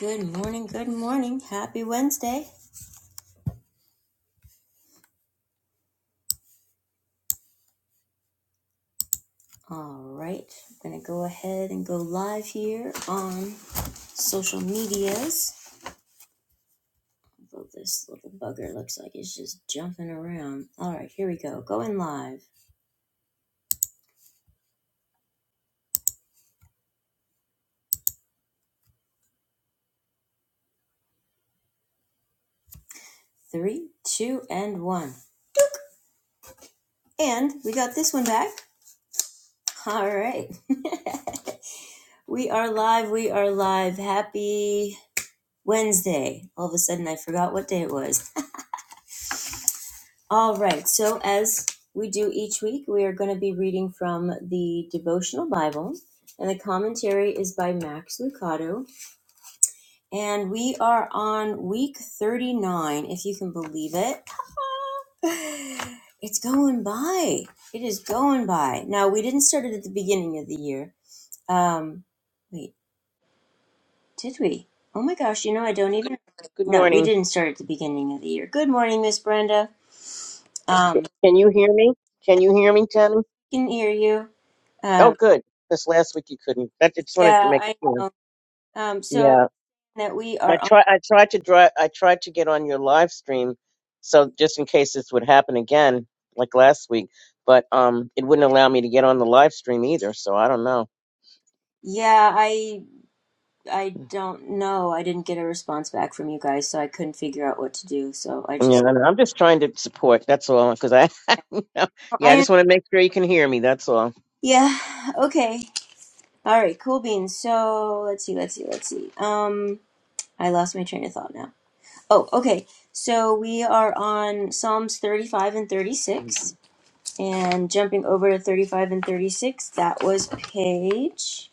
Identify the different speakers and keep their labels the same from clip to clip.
Speaker 1: Good morning, good morning. Happy Wednesday. All right, I'm going to go ahead and go live here on social medias. Although this little bugger looks like it's just jumping around. All right, here we go. Going live. Three, two, and one. And we got this one back. All right, we are live. We are live. Happy Wednesday. All of a sudden, I forgot what day it was. All right. So, as we do each week, we are going to be reading from the devotional Bible, and the commentary is by Max Lucado. And we are on week 39, if you can believe it. It's going by. It is going by. Now, we didn't start it at the beginning of the year. Um, wait, did we? Oh my gosh, you know, I don't even.
Speaker 2: Good
Speaker 1: No, we
Speaker 2: morning.
Speaker 1: didn't start at the beginning of the year. Good morning, Miss Brenda. Um,
Speaker 2: Can you hear me? Can you hear me, Tammy?
Speaker 1: can hear you. Um,
Speaker 2: Oh, good. Because last week you couldn't. I just wanted to
Speaker 1: Yeah,
Speaker 2: make it
Speaker 1: I
Speaker 2: clear.
Speaker 1: know. Um, so I was
Speaker 2: Yeah,
Speaker 1: saying that we
Speaker 2: I
Speaker 1: are on.
Speaker 2: try. I tried to dri I tried to get on your live stream, so just in case this would happen again, like last week. But um, it wouldn't allow me to get on the live stream either. So I don't know.
Speaker 1: Yeah, I I don't know. I didn't get a response back from you guys, so I couldn't figure out what to do. So I
Speaker 2: Yeah,
Speaker 1: just
Speaker 2: and I'm just trying to support. That's all. Because I,
Speaker 1: oh,
Speaker 2: yeah, I
Speaker 1: I
Speaker 2: just want to make sure you can hear me. That's all.
Speaker 1: yeah. Okay. All right. Cool beans. So let's see. Let's see. Let's see. Um, I lost my train of thought now. Oh, okay. So we are on Psalms thirty-five and thirty-six, and jumping over to thirty-five and thirty-six. That was page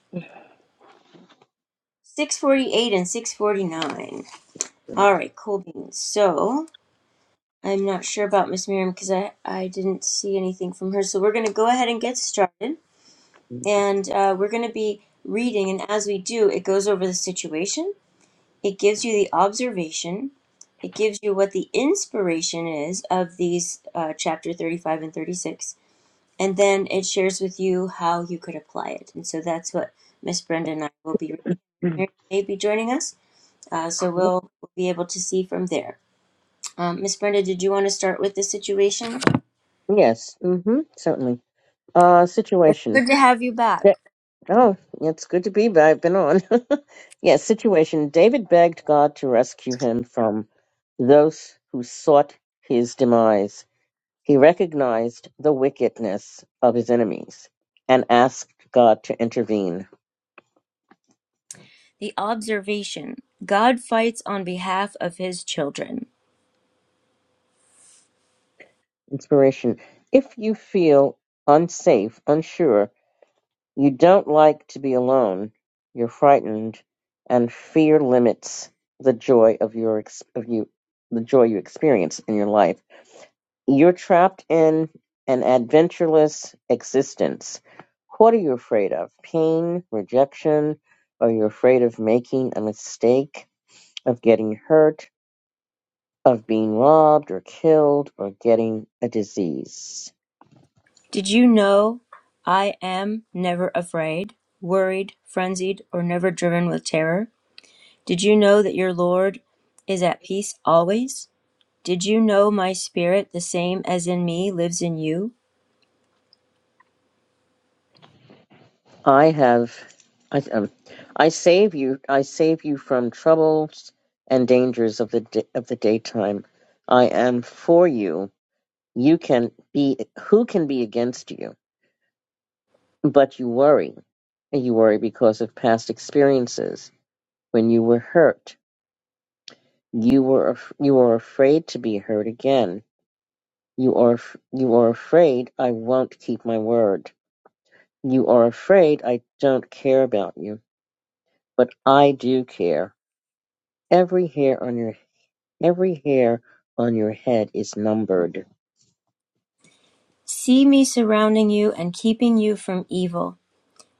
Speaker 1: six forty-eight and six forty-nine. All right, cool beans. So I'm not sure about Miss Miriam because I, I didn't see anything from her. So we're going to go ahead and get started. And uh, we're going to be reading. And as we do, it goes over the situation, it gives you the observation, it gives you what the inspiration is of these uh, chapter 35 and 36. And then it shares with you how you could apply it. And so that's what Miss Brenda and I will be reading.
Speaker 2: Mhm.
Speaker 1: Miriam may be joining us. Uh, so we'll, we'll be able to see from there. Um, Miss Brenda, did you want to start with the situation?
Speaker 2: Yes. Mm-hmm. Certainly. Uh,
Speaker 1: It's
Speaker 2: situation.
Speaker 1: good to have you back.
Speaker 2: Oh, it's good to be back. I've been on. Yes. situation. David begged God to rescue him from those who sought his demise. He recognized the wickedness of his enemies and asked God to intervene.
Speaker 1: The observation God fights on behalf of his children.
Speaker 2: Inspiration. If you feel unsafe, unsure, you don't like to be alone, you're frightened, and fear limits the joy of your ex- of you the joy you experience in your life You're trapped in an adventureless existence. What are you afraid of? Pain, rejection? Are you afraid of making a mistake, of getting hurt, of being robbed or killed, or getting a disease?
Speaker 1: Did you know I am never afraid, worried, frenzied, or never driven with terror? Did you know that your Lord is at peace always? Did you know my spirit, the same as in me, lives in you?
Speaker 2: I have, I, um, I save you. I save you from troubles and dangers of the da- of the daytime. I am for you. You can be. Who can be against you? But you worry. And you worry because of past experiences. When you were hurt, you were af- you are afraid to be hurt again. You are af- you are afraid I won't keep my word. You are afraid I don't care about you, but I do care. Every hair on your every hair on your head is numbered.
Speaker 1: See me surrounding you and keeping you from evil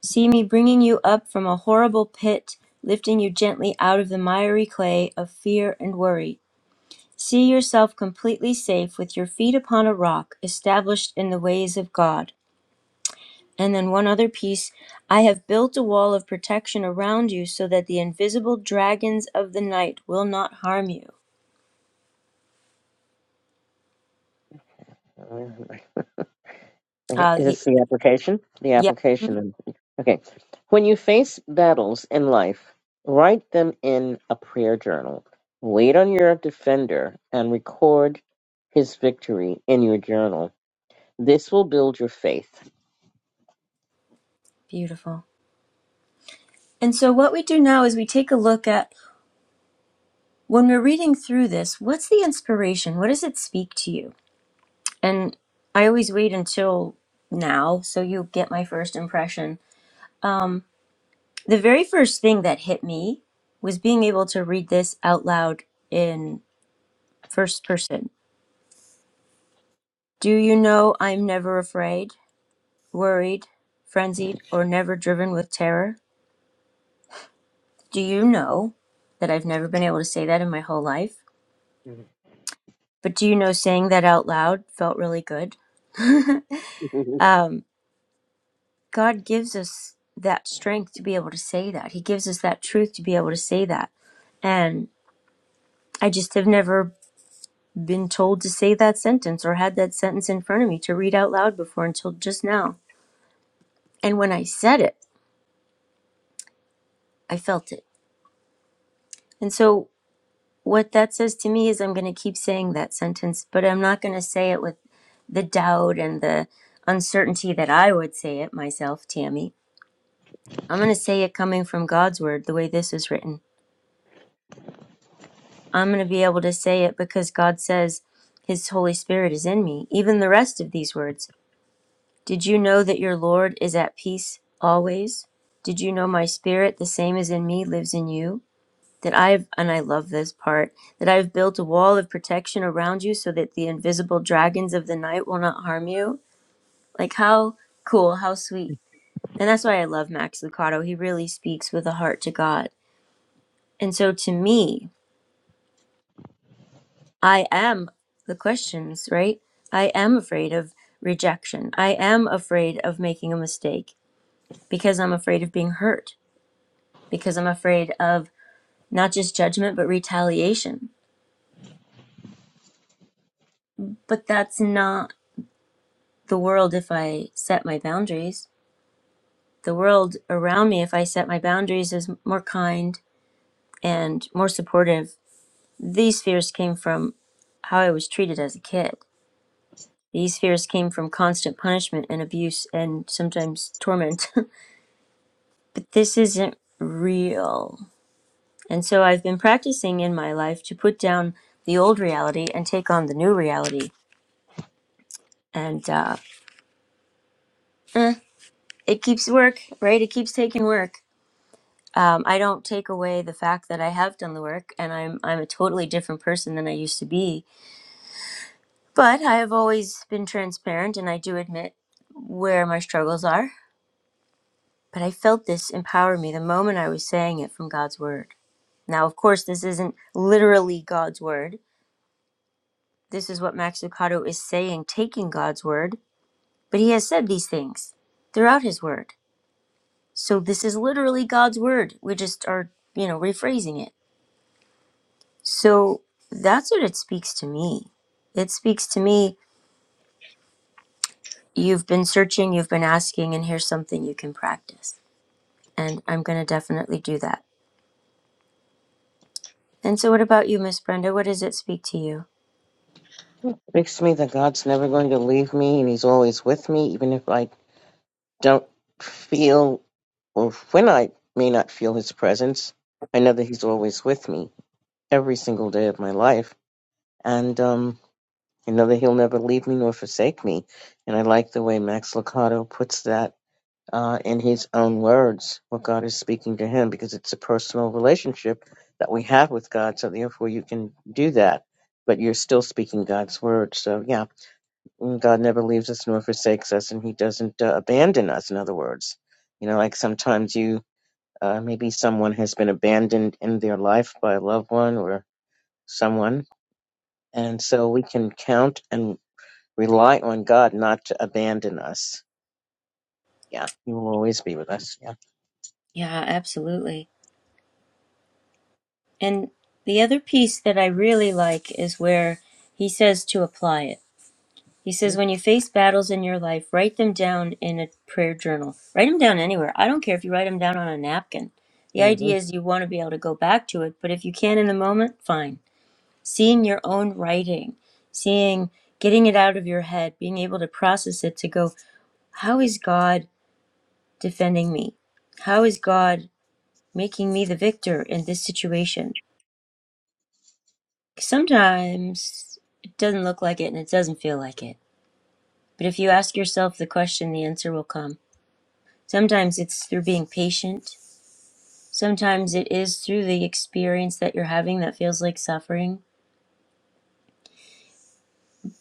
Speaker 1: See me bringing you up from a horrible pit, lifting you gently out of the miry clay of fear and worry. See yourself completely safe with your feet upon a rock, established in the ways of God. And then one other piece I have built a wall of protection around you so that the invisible dragons of the night will not harm you.
Speaker 2: Okay,
Speaker 1: Uh,
Speaker 2: is
Speaker 1: y-
Speaker 2: this the application? The
Speaker 1: yep,
Speaker 2: application. then. Okay. When you face battles in life, write them in a prayer journal. Wait on your defender and record his victory in your journal. This will build your faith.
Speaker 1: beautiful. And so, what we do now is we take a look at when we're reading through this, what's the inspiration? What does it speak to you? and I always wait until now so you get my first impression. Um, the very first thing that hit me was being able to read this out loud in first person. Do you know I'm never afraid, worried, frenzied, or never driven with terror? Do you know that I've never been able to say that in my whole life?
Speaker 2: Mhm.
Speaker 1: But do you know saying that out loud felt really good? God gives us that strength to be able to say that. He gives us that truth to be able to say that. And I just have never been told to say that sentence or had that sentence in front of me to read out loud before until just now. And when I said it, I felt it. And so, what that says to me is I'm going to keep saying that sentence, but I'm not going to say it with the doubt and the uncertainty that I would say it myself, Tammy. I'm going to say it coming from God's word, the way this is written. I'm going to be able to say it because God says His Holy Spirit is in me, even the rest of these words. Did you know that your Lord is at peace always? Did you know my spirit, the same as in me, lives in you? That I've, and I love this part, that I've built a wall of protection around you so that the invisible dragons of the night will not harm you? Like, how cool, how sweet. And that's why I love Max Lucado. He really speaks with a heart to God. And so to me, I am the questions, right? I am afraid of rejection. I am afraid of making a mistake because I'm afraid of being hurt because I'm afraid of not just judgment, but retaliation. But that's not the world if I set my boundaries. The world around me, if I set my boundaries, is more kind and more supportive. These fears came from how I was treated as a kid. These fears came from constant punishment and abuse and sometimes torment. but this isn't real. And so I've been practicing in my life to put down the old reality and take on the new reality. And uh, it keeps work right it keeps taking work um, i don't take away the fact that i have done the work and i'm i'm a totally different person than i used to be but i have always been transparent and i do admit where my struggles are but i felt this empower me the moment i was saying it from god's word now of course this isn't literally god's word this is what max lucado is saying taking god's word but he has said these things throughout his word so this is literally god's word we just are you know rephrasing it So that's what it speaks to me. It speaks to me, you've been searching, you've been asking, and here's something you can practice. And I'm going to definitely do that. And so, what about you, Miss Brenda? What does it speak to you?
Speaker 2: Makes me that God's never going to leave me and he's always with me, even if I don't feel or when I may not feel his presence. I know that he's always with me every single day of my life. And um. I know that He'll never leave me nor forsake me. And I like the way Max Lucado puts that uh, in his own words, what God is speaking to him, because it's a personal relationship that we have with God. So therefore, you can do that, but you're still speaking God's word. So yeah, mm, God never leaves us nor forsakes us, and He doesn't uh, abandon us. In other words, you know, like sometimes you. Uh, maybe someone has been abandoned in their life by a loved one or someone, and so we can count and rely on God not to abandon us. Yeah, He will always be with us. Yeah.
Speaker 1: Yeah, absolutely. And the other piece that I really like is where he says to apply it. He says, when you face battles in your life, write them down in a prayer journal. Write them down anywhere. I don't care if you write them down on a napkin. The
Speaker 2: Mm-hmm.
Speaker 1: idea is you want to be able to go back to it, but if you can in the moment, fine. seeing your own writing, seeing getting it out of your head, being able to process it to go, how is God defending me? How is God making me the victor in this situation? Sometimes it doesn't look like it and it doesn't feel like it. But if you ask yourself the question, the answer will come. Sometimes it's through being patient. Sometimes it is through the experience that you're having that feels like suffering.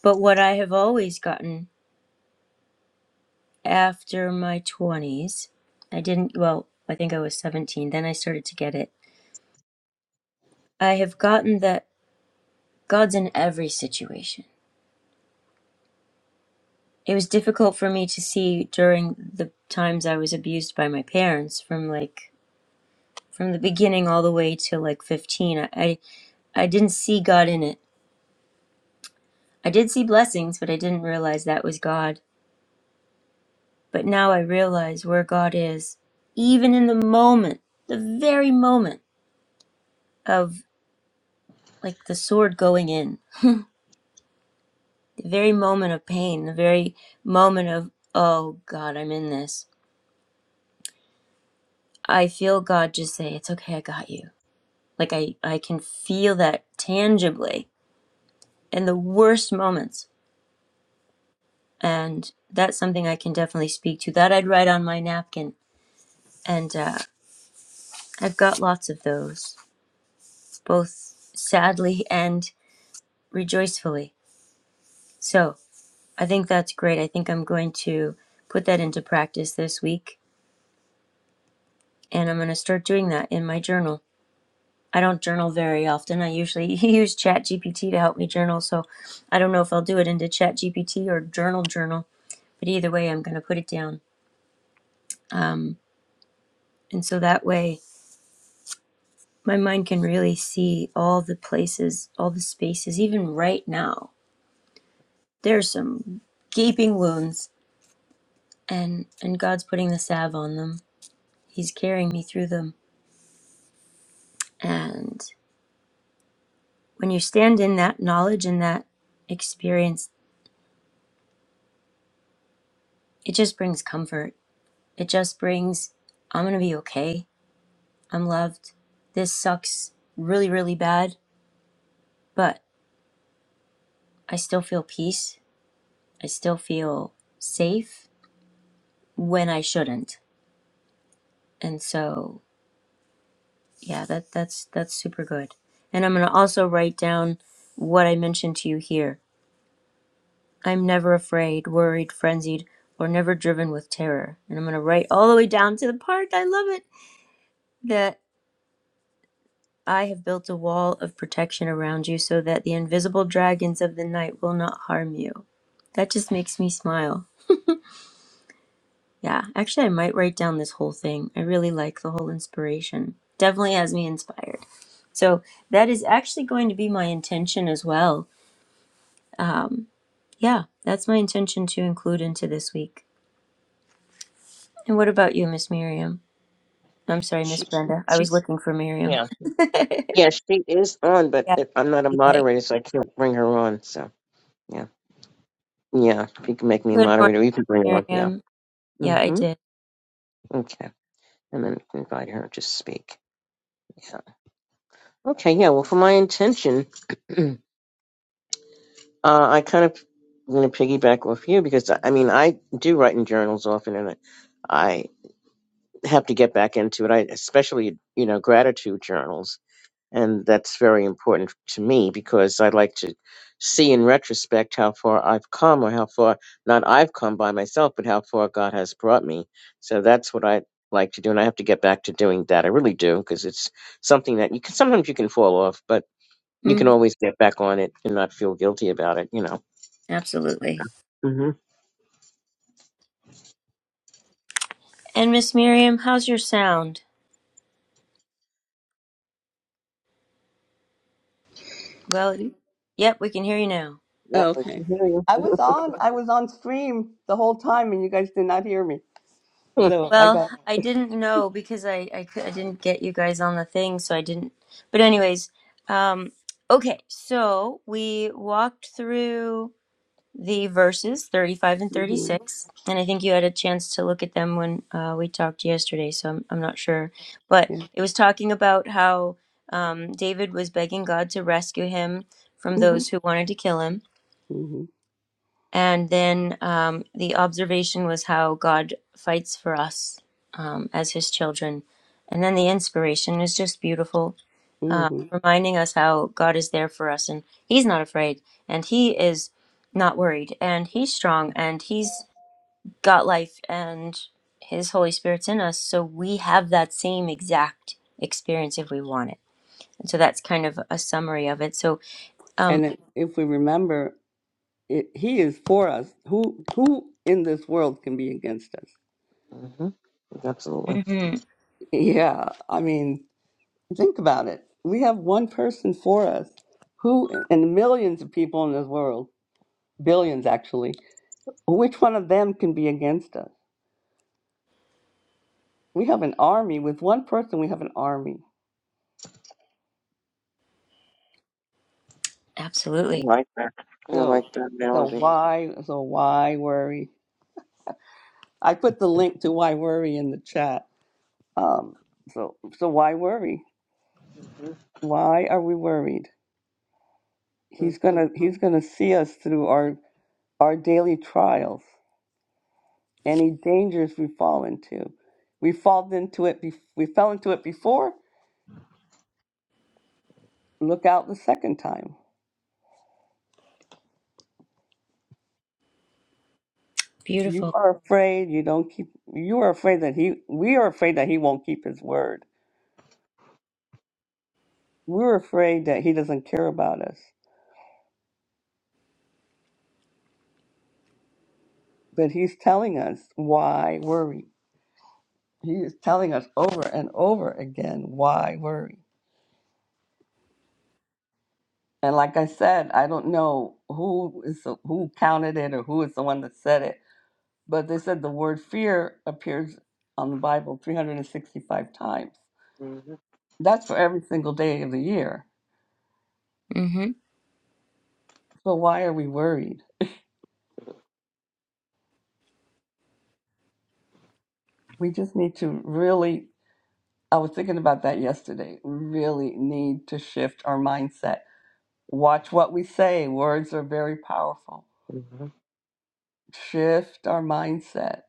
Speaker 1: But what I have always gotten after my 20s. I didn't, well, I think I was 17. Then I started to get it. I have gotten that God's in every situation. It was difficult for me to see during the times I was abused by my parents from like from the beginning all the way to like 15. I, I, I didn't see God in it. I did see blessings, but I didn't realize that was God. But now I realize where God is, even in the moment, the very moment of like the sword going in the very moment of pain, the very moment of, oh God, I'm in this. I feel God just say, it's okay, I got you. Like I, I can feel that tangibly in the worst moments. And that's something I can definitely speak to. That I'd write on my napkin. And uh, I've got lots of those, both sadly and rejoicefully. So I think that's great. I think I'm going to put that into practice this week. And I'm going to start doing that in my journal. I don't journal very often. I usually use ChatGPT to help me journal, so I don't know if I'll do it into ChatGPT or journal journal, but either way, I'm going to put it down. Um, and so that way, my mind can really see all the places, all the spaces, even right now. There's some gaping wounds, and, and God's putting the salve on them. He's carrying me through them. And when you stand in that knowledge and that experience, it just brings comfort It just brings, I'm going to be okay. I'm loved. This sucks really, really bad, but I still feel peace. I still feel safe when I shouldn't. And so, yeah, that that's that's super good. And I'm going to also write down what I mentioned to you here. I'm never afraid, worried, frenzied, or never driven with terror. And I'm going to write all the way down to the part I love it that I have built a wall of protection around you so that the invisible dragons of the night will not harm you. That just makes me smile. Yeah, actually, I might write down this whole thing. I really like the whole inspiration. Definitely has me inspired. So, that is actually going to be my intention as well. Um, yeah, that's my intention to include into this week. And what about you, Miss Miriam? I'm sorry, Miss
Speaker 2: She,
Speaker 1: Brenda. I
Speaker 2: she,
Speaker 1: was looking for Miriam.
Speaker 2: yeah,
Speaker 1: yeah,
Speaker 2: yeah, she is on, but
Speaker 1: I
Speaker 2: it- I'm not a
Speaker 1: see that.
Speaker 2: moderator, so I can't bring her on. So yeah, yeah, if you can make me a
Speaker 1: good morning,
Speaker 2: moderator, you can bring her on. Yeah.
Speaker 1: Miriam. Yeah, I
Speaker 2: Mm-hmm.
Speaker 1: did.
Speaker 2: Okay, and then invite her to speak. Yeah. Okay. Yeah. Well, for my intention, uh, I kind of. I'm going to piggyback off you because I I mean I do write in journals often, and I have to get back into it. I especially, you know, gratitude journals, and that's very important to me because I like to see in retrospect how far I've come, or how far not I've come by myself, but how far God has brought me. So that's what I like to do, and I have to get back to doing that. I really do because it's something that you can sometimes you can fall off, but you can
Speaker 1: Mm,
Speaker 2: always get back on it and not feel guilty about it. You know.
Speaker 1: absolutely.
Speaker 2: hmm
Speaker 1: And Miss Miriam, how's your sound? Well, yep, we can hear you now.
Speaker 2: Yep,
Speaker 3: Oh,
Speaker 2: we
Speaker 3: okay.
Speaker 2: can hear you.
Speaker 3: I was on I was on stream the whole time and you guys did not hear me.
Speaker 2: hmm
Speaker 3: So I
Speaker 1: Well,
Speaker 3: got
Speaker 1: I didn't know because I I, cou- I didn't get you guys on the thing, so I didn't. But anyways, um, okay, so we walked through the verses 35 and
Speaker 3: hmm
Speaker 1: 36, and I think you had a chance to look at them when uh, we talked yesterday, so I'm, I'm not sure. But
Speaker 3: yeah.
Speaker 1: it was talking about how um, David was begging God to rescue him from
Speaker 3: hmm
Speaker 1: those who wanted to kill him
Speaker 3: hmm
Speaker 1: And then um, the observation was how God fights for us um, as his children. And then the inspiration is just beautiful, uh,
Speaker 3: hmm
Speaker 1: reminding us how God is there for us and he's not afraid and he is not worried and he's strong and he's got life and his Holy Spirit's in us. So we have that same exact experience if we want it. And so that's kind of a summary of it. So, um,
Speaker 3: And it, if we remember it, he is for us. Who who in this world can be against us?
Speaker 2: Mm-hmm. Absolutely. I
Speaker 1: mhm,
Speaker 3: Yeah, I mean, think about it. We have one person for us. Who and millions of people in this world, billions actually. Which one of them can be against us? We have an army with one person. We have an army.
Speaker 1: absolutely
Speaker 2: like that. I
Speaker 3: So,
Speaker 2: like that
Speaker 3: so
Speaker 2: analogy.
Speaker 3: why, so why worry? I put the link to why worry in the chat. Um, so, so why worry?
Speaker 2: Mm-hmm.
Speaker 3: Why are we worried? He's
Speaker 2: Mhm.
Speaker 3: gonna, he's gonna see us through our our daily trials, any dangers we fall into. We fall into it. Be- we fell into it before. Look out the second time. You
Speaker 1: beautiful.
Speaker 3: are afraid. You don't keep. You are afraid that he. We are afraid that he won't keep his word. We're afraid that he doesn't care about us. But he's telling us why worry. He is telling us over and over again why worry. And like I said, I don't know who is the, who counted it or who is the one that said it, but they said the word fear appears on the Bible 365 times.
Speaker 2: Mhm.
Speaker 3: That's for every single day of the year.
Speaker 1: hmm
Speaker 3: So why are we worried? We just need to really I was thinking about that yesterday. We really need to shift our mindset. Watch what we say. Words are very powerful
Speaker 2: Mhm.
Speaker 3: shift our mindset.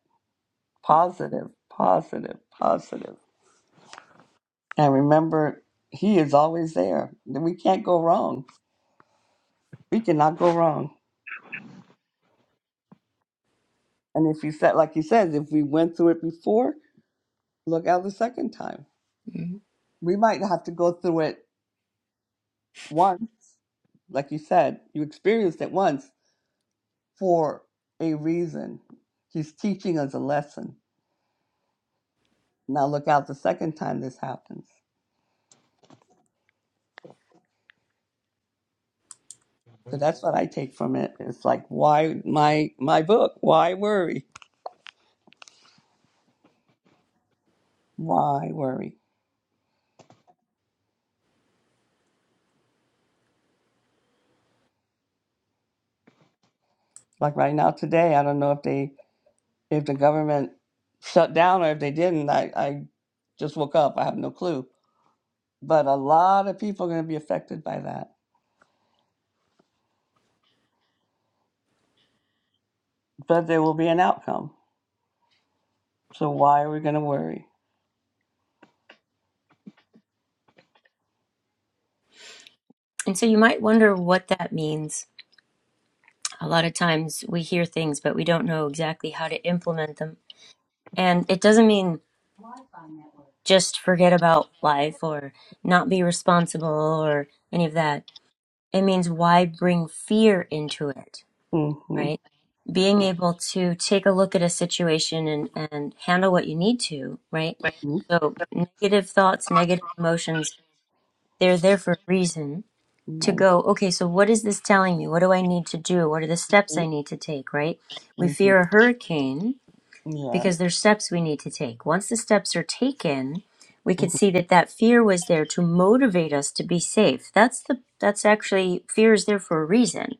Speaker 3: Positive, positive, positive. And remember, He is always there. We can't go wrong. We cannot go wrong. And if you said, like He says, if we went through it before, look out the second time. We might have to go through it once, like you said, you experienced it once for a reason. He's teaching us a lesson. Now look out the second time this happens. So that's what I take from it. It's like why my my book, why worry? Why worry? Like right now today, I don't know if they if the government shut down or if they didn't. I, I just woke up. I have no clue. But a lot of people are going to be affected by that. But there will be an outcome. So why are we going to worry?
Speaker 1: And so you might wonder what that means. A lot of times we hear things, but we don't know exactly how to implement them. And it doesn't mean just forget about life or not be responsible or any of that. It means why bring fear into it,
Speaker 3: Mm-hmm.
Speaker 1: right? Being able to take a look at a situation and, and handle what you need to, right? So negative thoughts, negative emotions, they're there for a reason to
Speaker 3: Mm-hmm.
Speaker 1: go, okay, so what is this telling me? What do I need to do? What are the steps
Speaker 3: Mm-hmm.
Speaker 1: I need to take, right? We
Speaker 3: Mm-hmm.
Speaker 1: fear a hurricane
Speaker 3: Yeah.
Speaker 1: because there's steps we need to take. Once the steps are taken, we
Speaker 3: hmm
Speaker 1: could see that that fear was there to motivate us to be safe. That's the that's actually fear is there for a reason.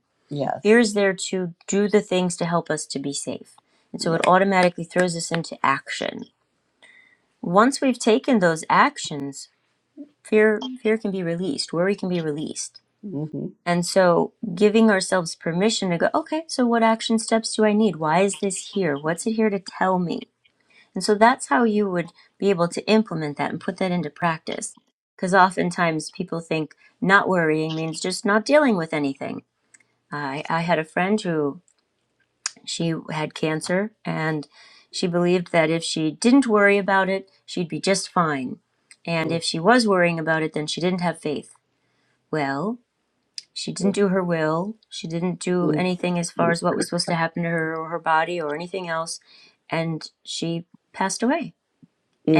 Speaker 1: Fear
Speaker 3: Yes.
Speaker 1: is there to do the things to help us to be safe. And so it
Speaker 3: Yes.
Speaker 1: automatically throws us into action. Once we've taken those actions, fear fear can be released, worry can be released
Speaker 3: Mm-hmm.
Speaker 1: and so giving ourselves permission to go, okay, so what action steps do I need? Why is this here? What's it here to tell me? And so that's how you would be able to implement that and put that into practice. Because oftentimes people think not worrying means just not dealing with anything. I, I had a friend who she had cancer and she believed that if she didn't worry about it, she'd be just fine. And if she was worrying about it, then she didn't have faith. Well, she didn't
Speaker 2: Mhm.
Speaker 1: do her will. She didn't do
Speaker 3: Mm-hmm.
Speaker 1: anything as far as what was supposed to happen to her or her body or anything else. And she passed away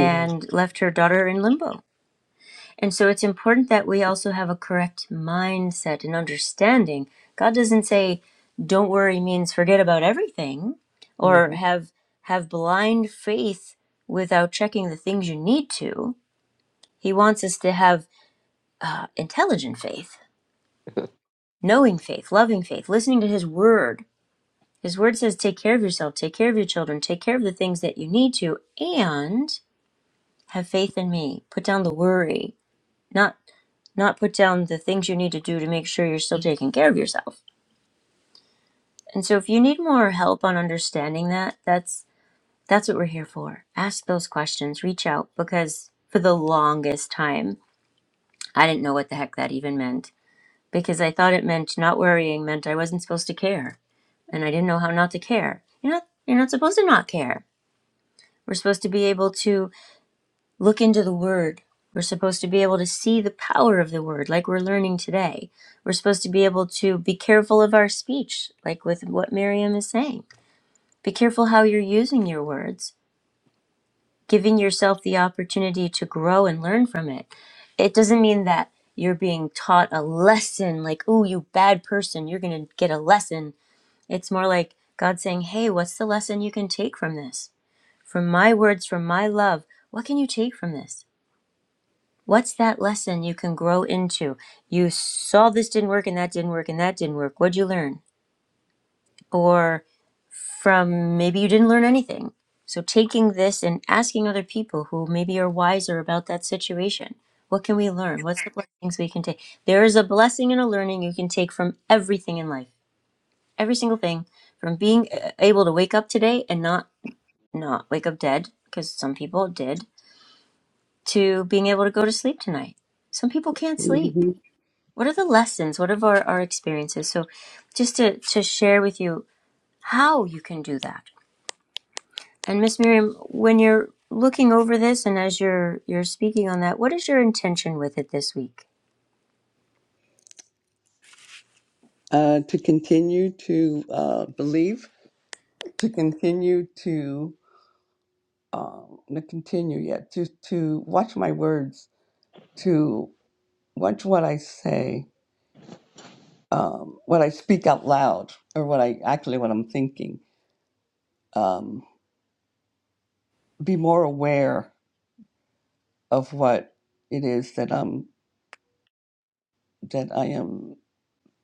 Speaker 2: Mhm.
Speaker 1: left her daughter in limbo. And so it's important that we also have a correct mindset and understanding. God doesn't say don't worry means forget about everything or
Speaker 2: Mhm.
Speaker 1: have have blind faith without checking the things you need to. He wants us to have uh, intelligent faith, knowing faith, loving faith, listening to his word His word says, take care of yourself, take care of your children, take care of the things that you need to, and have faith in me. Put down the worry, not not put down the things you need to do to make sure you're still taking care of yourself. And so if you need more help on understanding that, that's that's what we're here for. Ask those questions, reach out because for the longest time, I didn't know what the heck that even meant because I thought it meant not worrying meant I wasn't supposed to care and I didn't know how not to care. You're not you're not supposed to not care. We're supposed to be able to look into the Word. We're supposed to be able to see the power of the Word, like we're learning today. We're supposed to be able to be careful of our speech, like with what Miriam is saying. Be careful how you're using your words, giving yourself the opportunity to grow and learn from it. It doesn't mean that you're being taught a lesson, like, oh, you bad person, you're going to get a lesson. It's more like God saying, Hey, what's the lesson you can take from this? From my words, from my love, what can you take from this? What's that lesson you can grow into? You saw this didn't work and that didn't work and that didn't work. What'd you learn? Or from maybe you didn't learn anything. So taking this and asking other people who maybe are wiser about that situation. What can we learn? What's the blessings we can take? There is a blessing and a learning you can take from everything in life, every single thing, from being uh, able to wake up today and not not wake up dead, because some people did, to being able to go to sleep tonight. Some people can't sleep.
Speaker 3: Mm-hmm.
Speaker 1: What are the lessons? What are our, our experiences? So just to, to share with you how you can do that. And Miss Miriam, when you're looking over this and as you're you're speaking on that, what is your intention with it this week?
Speaker 3: uh, to continue to uh, believe, to continue to um, to continue, yeah, to to watch my words, to watch what I say, um, what I speak out loud, or what I actually what I'm thinking. Um, be more aware of what it is that I'm that I am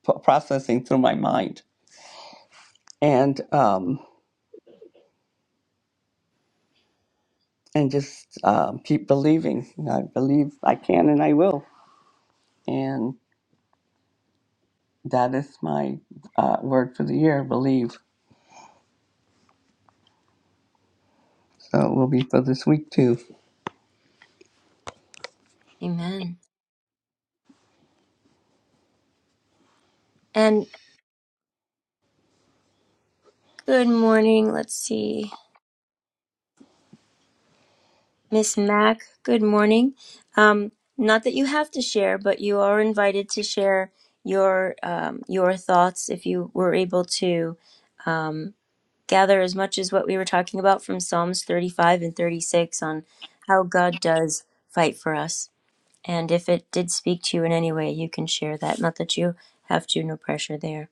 Speaker 3: p- processing through my mind, and um, and just um, keep believing. I believe I can and I will, and. That is my uh, word for the year, believe. So it will be for this week too.
Speaker 1: Amen. And good morning. Let's see. Miss Mac, good morning. Um, not that you have to share, but you are invited to share your um, your thoughts if you were able to gather as much as what we were talking about from Psalms 35 and 36 on how God does fight for us. And if it did speak to you in any way, you can share that. Not that you have to, no pressure there.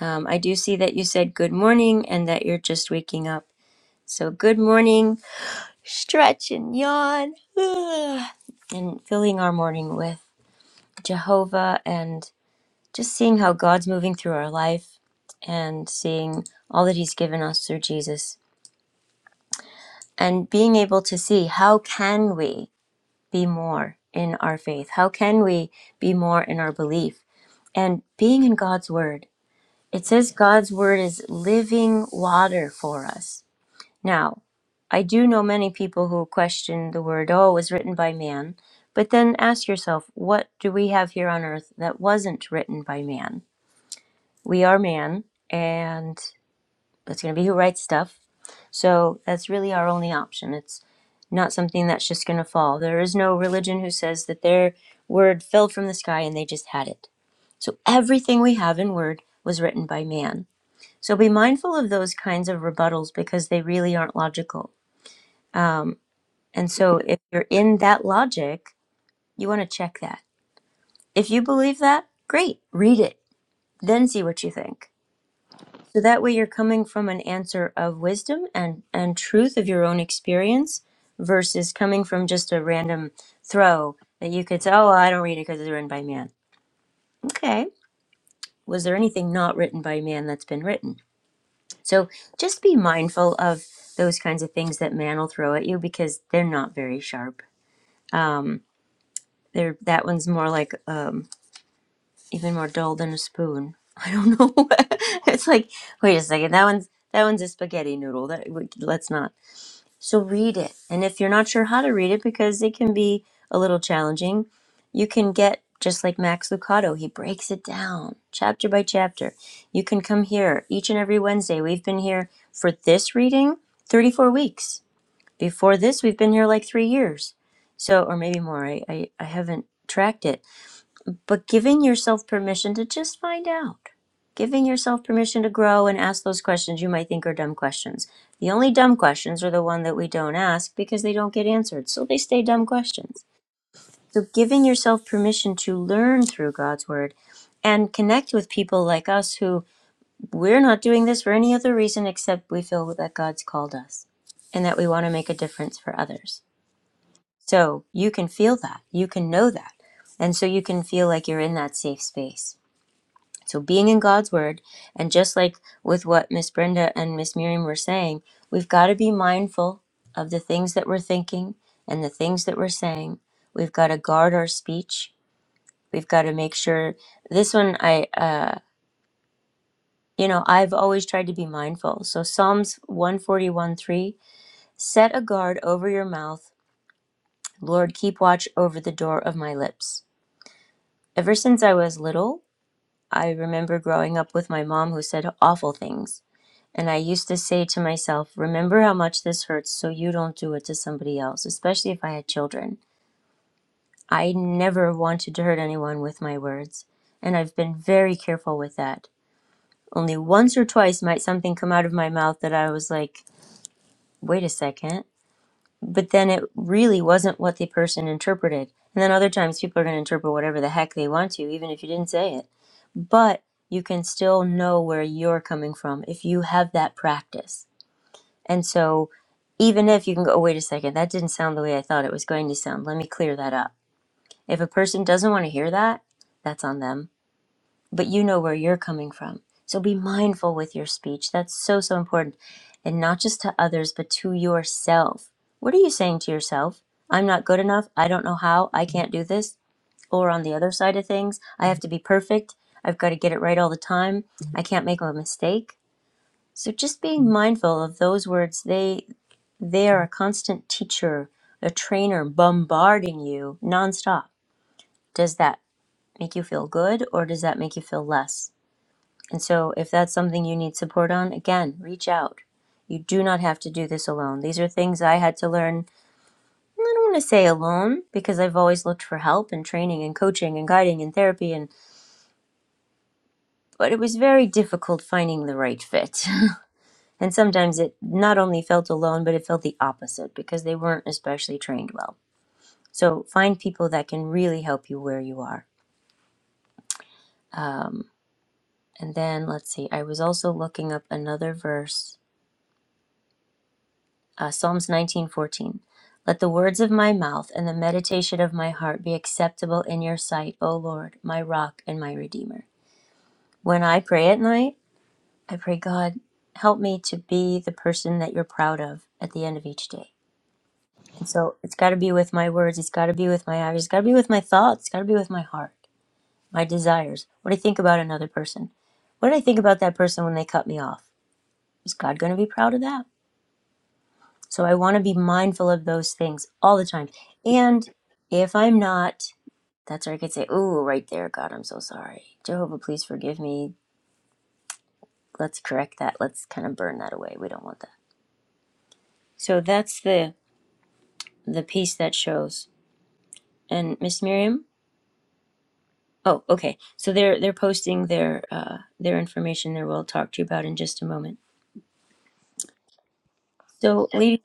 Speaker 1: Um, I do see that you said good morning and that you're just waking up. So good morning. stretch and yawn and filling our morning with Jehovah and just seeing how God's moving through our life and seeing all that he's given us through Jesus and being able to see how can we be more in our faith how can we be more in our belief and being in God's word it says God's word is living water for us Now, I do know many people who question the word, oh, it was written by man, but then ask yourself, what do we have here on earth that wasn't written by man? We are man, and it's going to be who writes stuff. So that's really our only option. It's not something that's just going to fall. There is no religion who says that their word fell from the sky and they just had it. So everything we have in word was written by man. So be mindful of those kinds of rebuttals because they really aren't logical. Um, and so if you're in that logic, you want to check that. If you believe that, great, read it, then see what you think. So that way you're coming from an answer of wisdom and, and truth of your own experience versus coming from just a random throw that you could say, oh, I don't read it because it's written by man. Okay. Was there anything not written by man that's been written? So just be mindful of those kinds of things that man will throw at you because they're not very sharp. They're, that one's more like um, even more dull than a spoon. I don't know. it's like, wait a second, that one's that one's a spaghetti noodle. That let's not. So read it, and if you're not sure how to read it, because it can be a little challenging, you can get just like Max Lucado. He breaks it down chapter by chapter. You can come here each and every Wednesday. We've been here for this reading 34 weeks. Before this, we've been here like three years, so or maybe more. I I, I haven't tracked it but giving yourself permission to just find out, giving yourself permission to grow and ask those questions you might think are dumb questions. The only dumb questions are the one that we don't ask because they don't get answered, so they stay dumb questions. So giving yourself permission to learn through God's word and connect with people like us who we're not doing this for any other reason except we feel that God's called us and that we want to make a difference for others. So you can feel that, you can know that. And so you can feel like you're in that safe space. So being in God's word, and just like with what Miss Brenda and Miss Miriam were saying, we've got to be mindful of the things that we're thinking and the things that we're saying. We've got to guard our speech. We've got to make sure this one I uh you know, I've always tried to be mindful. So Psalms one forty one three, set a guard over your mouth. Lord, keep watch over the door of my lips. Ever since I was little, I remember growing up with my mom who said awful things. And I used to say to myself, remember how much this hurts so you don't do it to somebody else, especially if I had children. I never wanted to hurt anyone with my words. And I've been very careful with that. Only once or twice might something come out of my mouth that I was like, wait a second but then it really wasn't what the person interpreted. And then other times people are going to interpret whatever the heck they want to, even if you didn't say it. But you can still know where you're coming from if you have that practice. And so even if you can go, "Oh, wait a second, that didn't sound the way I thought it was going to sound, let me clear that up. If a person doesn't want to hear that, that's on them but you know where you're coming from. So be mindful with your speech. That's so, so important. And not just to others, but to yourself. What are you saying to yourself? I'm not good enough. I don't know how. I can't do this. Or on the other side of things, I have to be perfect. I've got to get it right all the time. I can't make a mistake. So just being mindful of those words, they they are a constant teacher, a trainer bombarding you nonstop. Does that make you feel good or does that make you feel less? And so, if that's something you need support on, again, reach out. You do not have to do this alone. These are things I had to learn. I don't want to say alone because I've always looked for help and training and coaching and guiding and therapy and but it was very difficult finding the right fit. And sometimes it not only felt alone, but it felt the opposite because they weren't especially trained well. So find people that can really help you where you are. Um, and then let's see, I was also looking up another verse uh, Psalms 19:14. Let the words of my mouth and the meditation of my heart be acceptable in your sight, O Lord, my rock and my redeemer. When I pray at night, I pray, God, help me to be the person that you're proud of at the end of each day. And so it's got to be with my words, it's got to be with my eyes, it's got to be with my thoughts, it's got to be with my heart, my desires, what do I think about another person. What did I think about that person when they cut me off? Is God going to be proud of that? So I want to be mindful of those things all the time. And if I'm not, that's where I could say, "Ooh, right there, God, I'm so sorry. Jehovah, please forgive me. Let's correct that. Let's kind of burn that away. We don't want that." So that's the the piece that shows. And Miss Miriam, oh, okay. So they're they're posting their uh, their information there. We'll talk to you about in just a moment. So, ladies,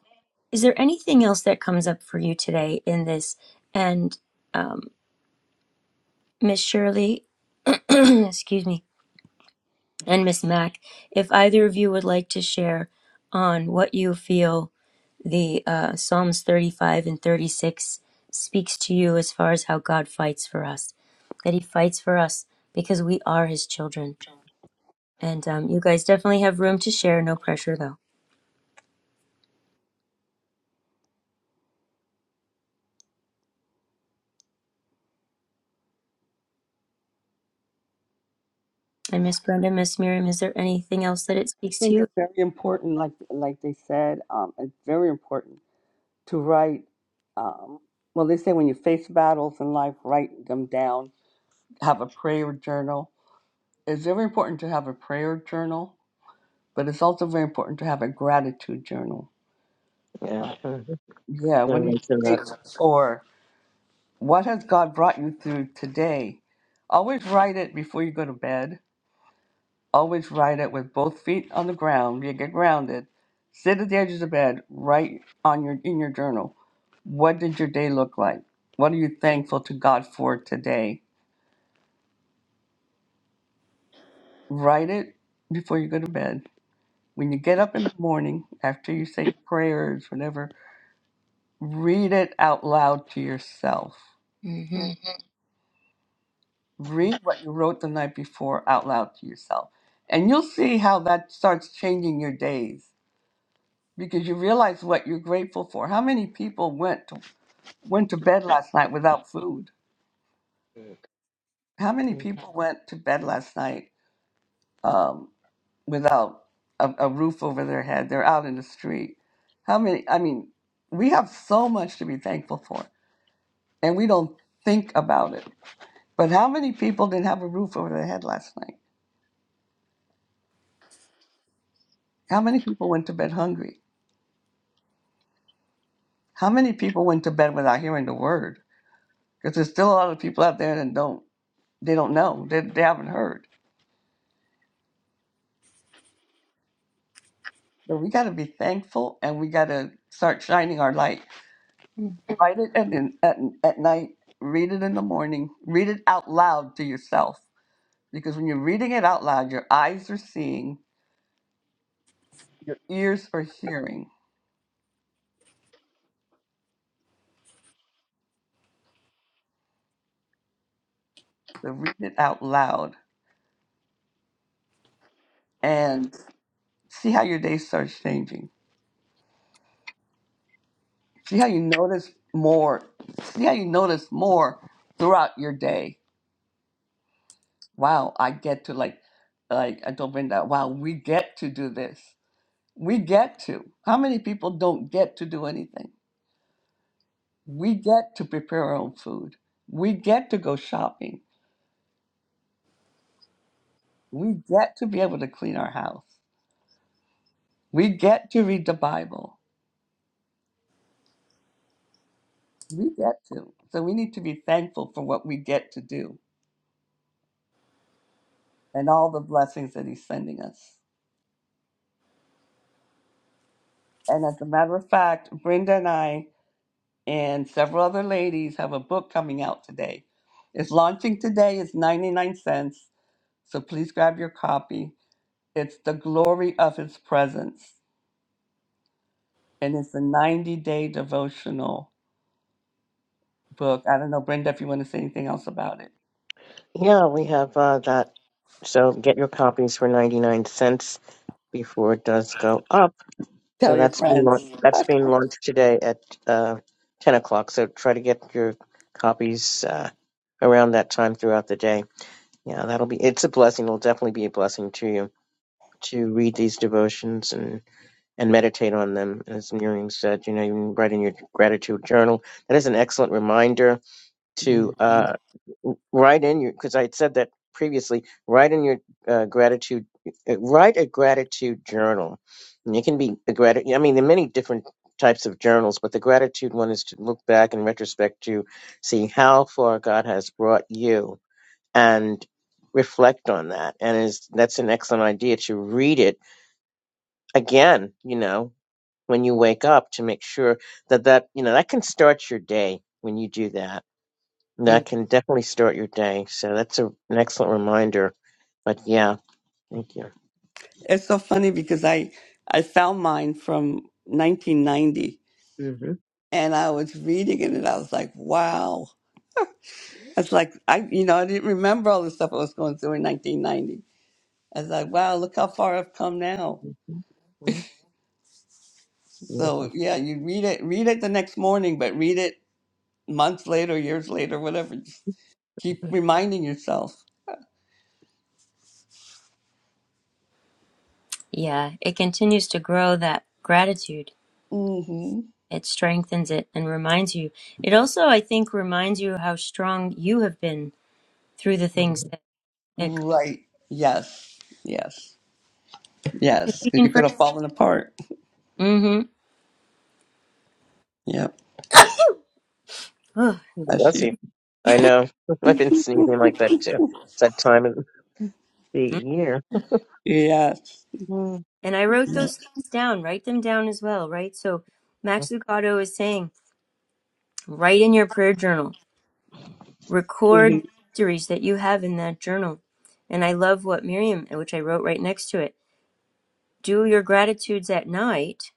Speaker 1: is there anything else that comes up for you today in this? And um, Miss Shirley, excuse me and Miss Mack, if either of you would like to share on what you feel the uh, Psalms 35 and 36 speaks to you as far as how God fights for us, that He fights for us because we are His children. And um, you guys definitely have room to share, no pressure though. And Miss Brenda, Miss Miriam, is there anything else that it
Speaker 3: I
Speaker 1: speaks to
Speaker 3: think
Speaker 1: you?
Speaker 3: it's very important, like like they said, um, it's very important to write. Um, well, they say when you face battles in life, write them down. Have a prayer journal. It's very important to have a prayer journal, but it's also very important to have a gratitude journal.
Speaker 2: Yeah,
Speaker 3: Uh,
Speaker 2: Mhm.
Speaker 3: yeah,
Speaker 2: I
Speaker 3: what are you
Speaker 2: mentioned that.
Speaker 3: grateful for? What has God brought you through today? Always write it before you go to bed Always ride it with both feet on the ground. You get grounded. Sit at the edge of the bed. Write on your in your journal. What did your day look like? What are you thankful to God for today? Write it before you go to bed. When you get up in the morning, after you say your prayers, whatever, read it out loud to yourself.
Speaker 1: hmm
Speaker 3: Read what you wrote the night before out loud to yourself. And you'll see how that starts changing your days because you realize what you're grateful for. How many people went to went to bed last night without food. How many
Speaker 2: Mhm.
Speaker 3: people went to bed last night um, without a, a roof over their head? They're out in the street. How many? I mean, we have so much to be thankful for, and we don't think about it. But how many people didn't have a roof over their head last night? How many people went to bed hungry? How many people went to bed without hearing the word? Because there's still a lot of people out there that don't they don't know they, they haven't heard. So we got to be thankful, and we got to start shining our light Write it at, at, at night, read it in the morning, read it out loud to yourself. Because when you're reading it out loud, your eyes are seeing, your ears are hearing. So read it out loud and see how your day starts changing. See how you notice more. See how you notice more throughout your day. Wow, I get to like, like I told Brenda, wow, we get to do this. We get to. How many people don't get to do anything? We get to prepare our own food. We get to go shopping. We get to be able to clean our house. We get to read the Bible. We get to. So we need to be thankful for what we get to do and all the blessings that He's sending us. And as a matter of fact, Brenda and I and several other ladies have a book coming out today. It's launching today, it's 99 cents. So please grab your copy. It's The Glory of His Presence, and it's a 90 day devotional book. I don't know, Brenda, if you want to say anything else about it.
Speaker 2: Yeah, we have uh, that. So get your copies for 99 cents before it does go up. So
Speaker 3: Tell your
Speaker 2: that's being
Speaker 3: friends.
Speaker 2: lau- that's being launched today at uh, 10 o'clock. So try to get your copies uh, around that time throughout the day. Yeah, that'll be it's a blessing. It'll definitely be a blessing to you to read these devotions and. and meditate on them. As Miriam said, you know, you can write in your gratitude journal. That is an excellent reminder to
Speaker 3: Mhm.
Speaker 2: uh, write in your, because I had said that previously, write in your uh, gratitude, uh, write a gratitude journal. And it can be a gratitude, I mean, there are many different types of journals, but the gratitude one is to look back in retrospect to see how far God has brought you and reflect on that. And is that's an excellent idea to read it again, you know, when you wake up to make sure that that you know that can start your day when you do that
Speaker 1: Mm.
Speaker 2: that can definitely start your day so that's a, an excellent reminder but yeah thank you
Speaker 3: It's so funny because I I found mine from 1990
Speaker 2: hmm
Speaker 3: and I was reading it and I was like, wow. It's like I you know, I didn't remember all the stuff I was going through in 1990. I was like, wow, look how far I've come now.
Speaker 2: hmm
Speaker 3: So,
Speaker 2: beautiful
Speaker 3: yeah, you read it read it the next morning, but read it months later, years later, whatever. Just keep
Speaker 2: Mhm.
Speaker 3: reminding yourself.
Speaker 1: Yeah, it continues to grow that gratitude
Speaker 3: Mhm.
Speaker 1: It strengthens it and reminds you. It also, I think, reminds you how strong you have been through the things that it
Speaker 3: Right. Yes. Yes.
Speaker 1: because
Speaker 3: Yes,
Speaker 1: we
Speaker 3: 'cause
Speaker 1: can
Speaker 3: you could
Speaker 1: forget.
Speaker 3: have fallen apart.
Speaker 1: hmm
Speaker 3: Yep,
Speaker 2: Mhm.
Speaker 3: that's
Speaker 2: bless
Speaker 3: you.
Speaker 2: you i know i've been sneezing like that too it's that time of the year
Speaker 3: yes.
Speaker 2: Hmm.
Speaker 1: and I wrote those things down. Write them down as well, right? So Max
Speaker 2: Mhm.
Speaker 1: Lucado is saying, write in your prayer journal. Record
Speaker 3: Mm-hmm.
Speaker 1: the victories that you have in that journal. And I love what Miriam, which I wrote right next to it. Do your gratitudes at night,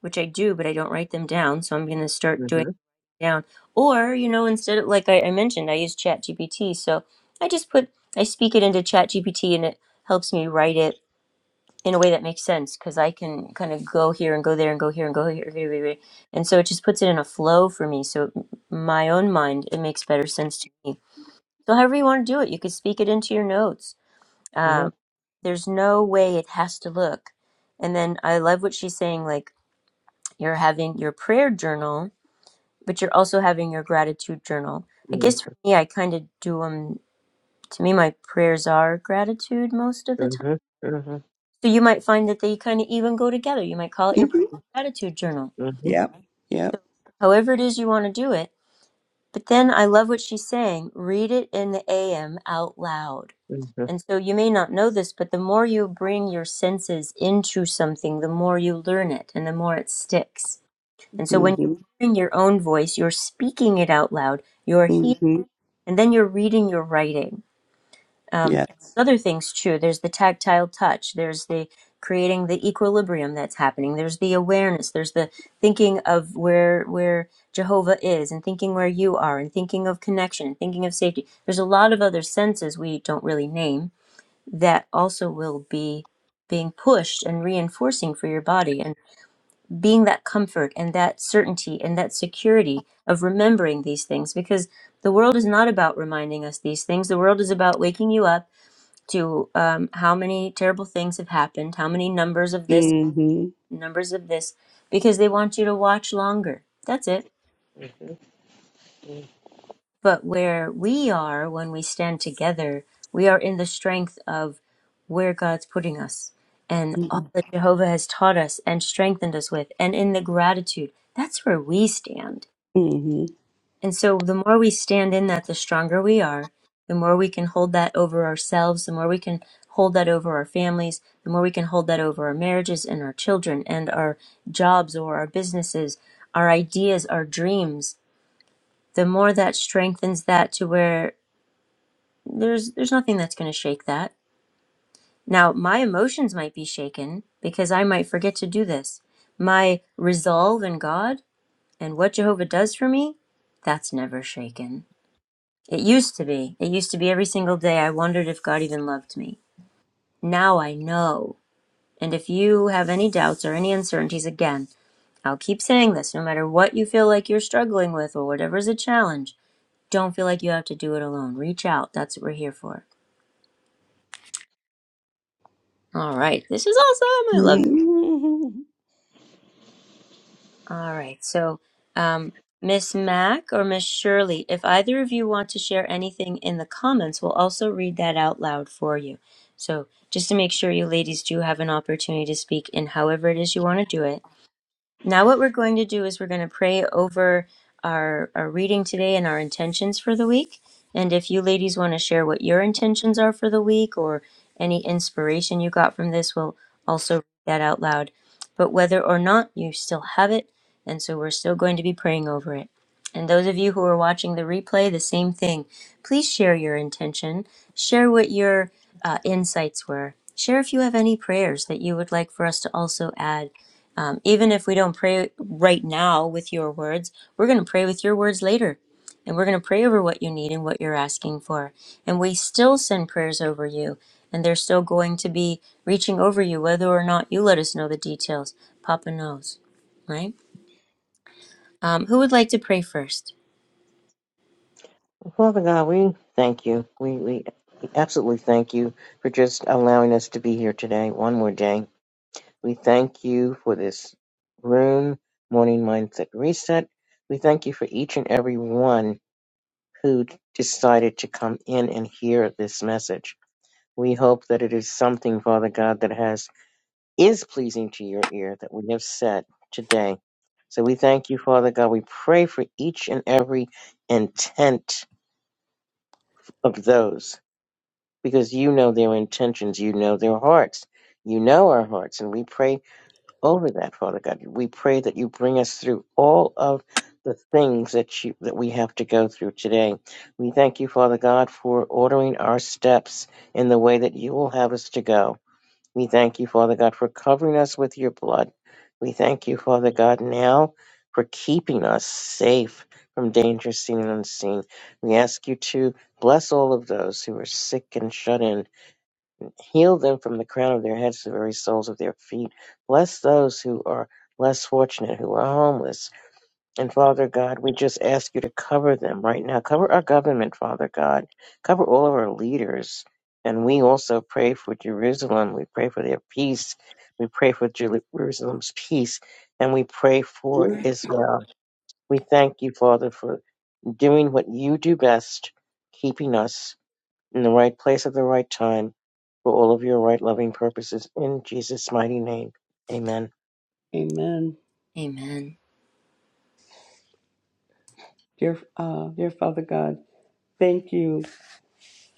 Speaker 1: which I do, but I don't write them down. So I'm going to start doing down. Or, you know, instead of like I, I mentioned, I use ChatGPT. So I just put I speak it into ChatGPT and it helps me write it in a way that makes sense because I can kind of go here and go there and go here and go here, here, here, here. and so it just puts it in a flow for me. So m- my own mind, it makes better sense to me. So however you want to do it, you could speak it into your notes.
Speaker 2: Yeah.
Speaker 1: Um, there's no way it has to look. And then I love what she's saying, like you're having your prayer journal but you're also having your gratitude journal. I
Speaker 2: Mhm.
Speaker 1: guess for me, I kind of do them. To me, my prayers are gratitude most of the time.
Speaker 2: Mhm. Mhm.
Speaker 1: So you might find that they kind of even go together. You might call it your
Speaker 3: hmm
Speaker 1: prayer gratitude journal.
Speaker 3: Yep.
Speaker 1: So
Speaker 3: Yep.
Speaker 1: however it is you want to do it. But then I love what she's saying. Read it in the AM out loud.
Speaker 2: Mhm.
Speaker 1: And so you may not know this, but the more you bring your senses into something, the more you learn it and the more it sticks. And so when you're
Speaker 3: Mm-hmm.
Speaker 1: hearing your own voice, you're speaking it out loud. You're hearing
Speaker 3: Mm-hmm.
Speaker 1: and then you're reading your writing. Um,
Speaker 3: Yeah.
Speaker 1: other things too. There's the tactile touch. There's the creating the equilibrium that's happening. There's the awareness. There's the thinking of where where Jehovah is, and thinking where you are, and thinking of connection, and thinking of safety. There's a lot of other senses we don't really name that also will be being pushed and reinforcing for your body. And being that comfort and that certainty and that security of remembering these things because the world is not about reminding us these things. The world is about waking you up to um, how many terrible things have happened, how many numbers of this,
Speaker 3: Mm-hmm.
Speaker 1: numbers of this, because they want you to watch longer. That's it.
Speaker 2: Mhm.
Speaker 1: But where we are when we stand together, we are in the strength of where God's putting us and all
Speaker 3: Mm-hmm.
Speaker 1: that Jehovah has taught us and strengthened us with, and in the gratitude. That's where we stand And so the more we stand in that, the stronger we are. The more we can hold that over ourselves, the more we can hold that over our families, the more we can hold that over our marriages and our children and our jobs or our businesses, our ideas, our dreams, the more that strengthens that to where there's there's nothing that's going to shake that. Now, my emotions might be shaken because I might forget to do this. My resolve in God and what Jehovah does for me, that's never shaken It used to be. It used to be every single day I wondered if God even loved me. Now I know. And if you have any doubts or any uncertainties, again, I'll keep saying this no matter what you feel like you're struggling with or whatever is a challenge, don't feel like you have to do it alone. Reach out. That's what we're here for. All right. This is awesome. I love it.
Speaker 3: Mm-hmm.
Speaker 1: All right. So, um, Miss Mac or Miss Shirley, if either of you want to share anything in the comments, we'll also read that out loud for you. So, just to make sure you ladies do have an opportunity to speak in however it is you want to do it. Now, what we're going to do is we're going to pray over our, our reading today and our intentions for the week. And if you ladies want to share what your intentions are for the week or any inspiration you got from this, we'll also read that out loud. But whether or not you still have it, and so we're still going to be praying over it. And those of you who are watching the replay, the same thing. Please share your intention, share what your uh, insights were, share if you have any prayers that you would like for us to also add um, even if we don't pray right now with your words, we're going to pray with your words later. And we're going to pray over what you need and what you're asking for. And we still send prayers over you. And they're still going to be reaching over you, whether or not you let us know the details. Papa knows, right? Um, who would like to pray first?
Speaker 2: Father God, we thank you. We, we absolutely thank you for just allowing us to be here today, one more day. We thank you for this room, Morning Mindset Reset. We thank you for each and every one. who decided to come in and hear this message. We hope that it is something, Father God, that has is pleasing to your ear that we have said today. So we thank you, Father God. We pray for each and every intent of those because you know their intentions, you know their hearts, you know our hearts, and we pray over that, Father God. We pray that you bring us through all of the things that you that we have to go through today. We thank you, Father God, for ordering our steps in the way that you will have us to go. We thank you, Father God, for covering us with your blood. We thank you, Father God, now for keeping us safe from danger seen and unseen. We ask you to bless all of those who are sick and shut in. Heal them from the crown of their heads to the very soles of their feet. Bless those who are less fortunate, who are homeless. And Father God, we just ask you to cover them right now. Cover our government, Father God. Cover all of our leaders. And we also pray for Jerusalem. We pray for their peace. We pray for Jer- Jerusalem's peace. And we pray for Israel. We thank you, Father, for doing what you do best, keeping us in the right place at the right time for all of your right loving purposes. In Jesus' mighty name. Amen.
Speaker 3: Amen.
Speaker 1: Amen.
Speaker 3: Dear, uh, dear Father God, thank you,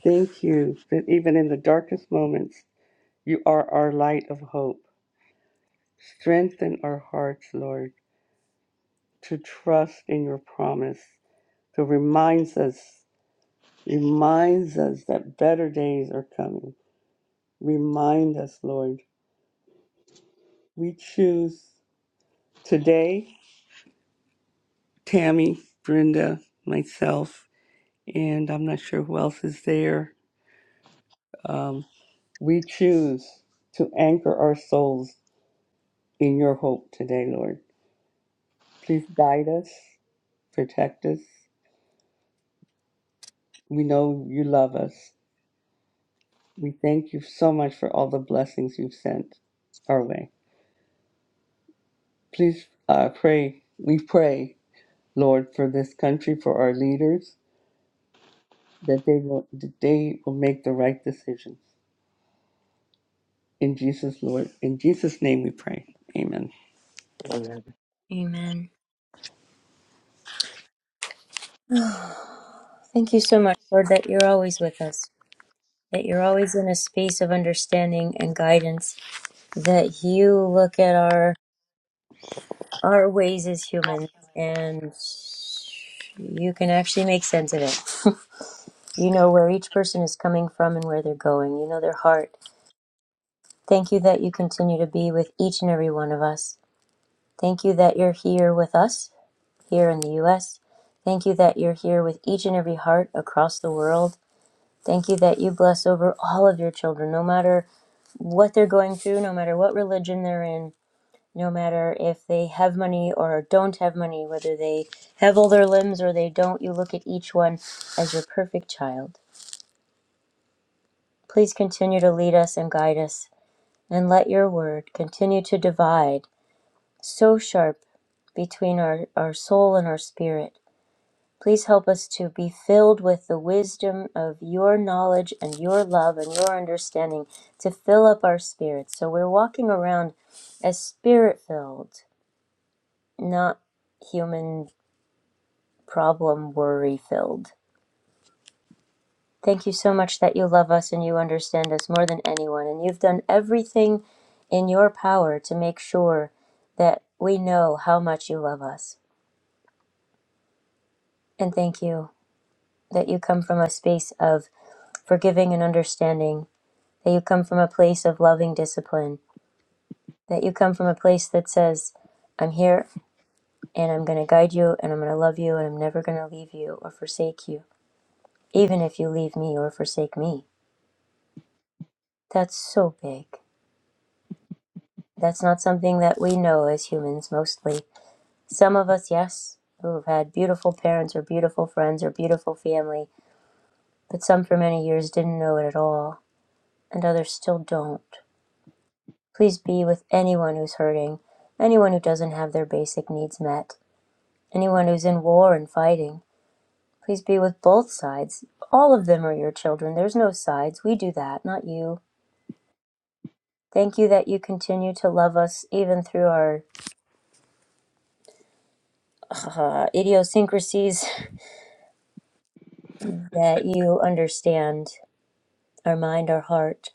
Speaker 3: thank you that even in the darkest moments, you are our light of hope. Strengthen our hearts, Lord, to trust in your promise that reminds us reminds us that better days are coming. Remind us, Lord. We choose today, Tammy, Brenda, myself, and I'm not sure who else is there. Um, we choose to anchor our souls in your hope today, Lord. Please guide us, protect us. We know you love us. We thank you so much for all the blessings you've sent our way. Please uh, pray. We pray Lord, for this country, for our leaders, that they will that they will make the right decisions. In Jesus, Lord, in Jesus' name we pray. Amen.
Speaker 2: Amen.
Speaker 1: Amen. Thank you so much, Lord, that you're always with us, that you're always in a space of understanding and guidance, that you look at our our ways as humans and you can actually make sense of it. You know where each person is coming from and where they're going. You know their heart. Thank you that you continue to be with each and every one of us. Thank you that you're here with us here in the US. Thank you that you're here with each and every heart across the world. Thank you that you bless over all of your children, no matter what they're going through, no matter what religion they're in, no matter if they have money or don't have money, whether they have all their limbs or they don't, you look at each one as your perfect child. Please continue to lead us and guide us, and let your word continue to divide so sharp between our, our soul and our spirit. Please help us to be filled with the wisdom of your knowledge and your love and your understanding to fill up our spirits. So we're walking around as spirit filled, not human problem worry filled. Thank you so much that you love us and you understand us more than anyone. And you've done everything in your power to make sure that we know how much you love us. And thank you that you come from a space of forgiving and understanding, that you come from a place of loving discipline, that you come from a place that says, I'm here and I'm going to guide you and I'm going to love you and I'm never going to leave you or forsake you, even if you leave me or forsake me. That's so big. That's not something that we know as humans mostly. Some of us, yes, who have had beautiful parents or beautiful friends or beautiful family, but some for many years didn't know it at all, and others still don't. Please be with anyone who's hurting, anyone who doesn't have their basic needs met, anyone who's in war and fighting. Please be with both sides. All of them are your children. There's no sides. We do that, not you. Thank you that you continue to love us even through our uh, idiosyncrasies that you understand our mind, our heart,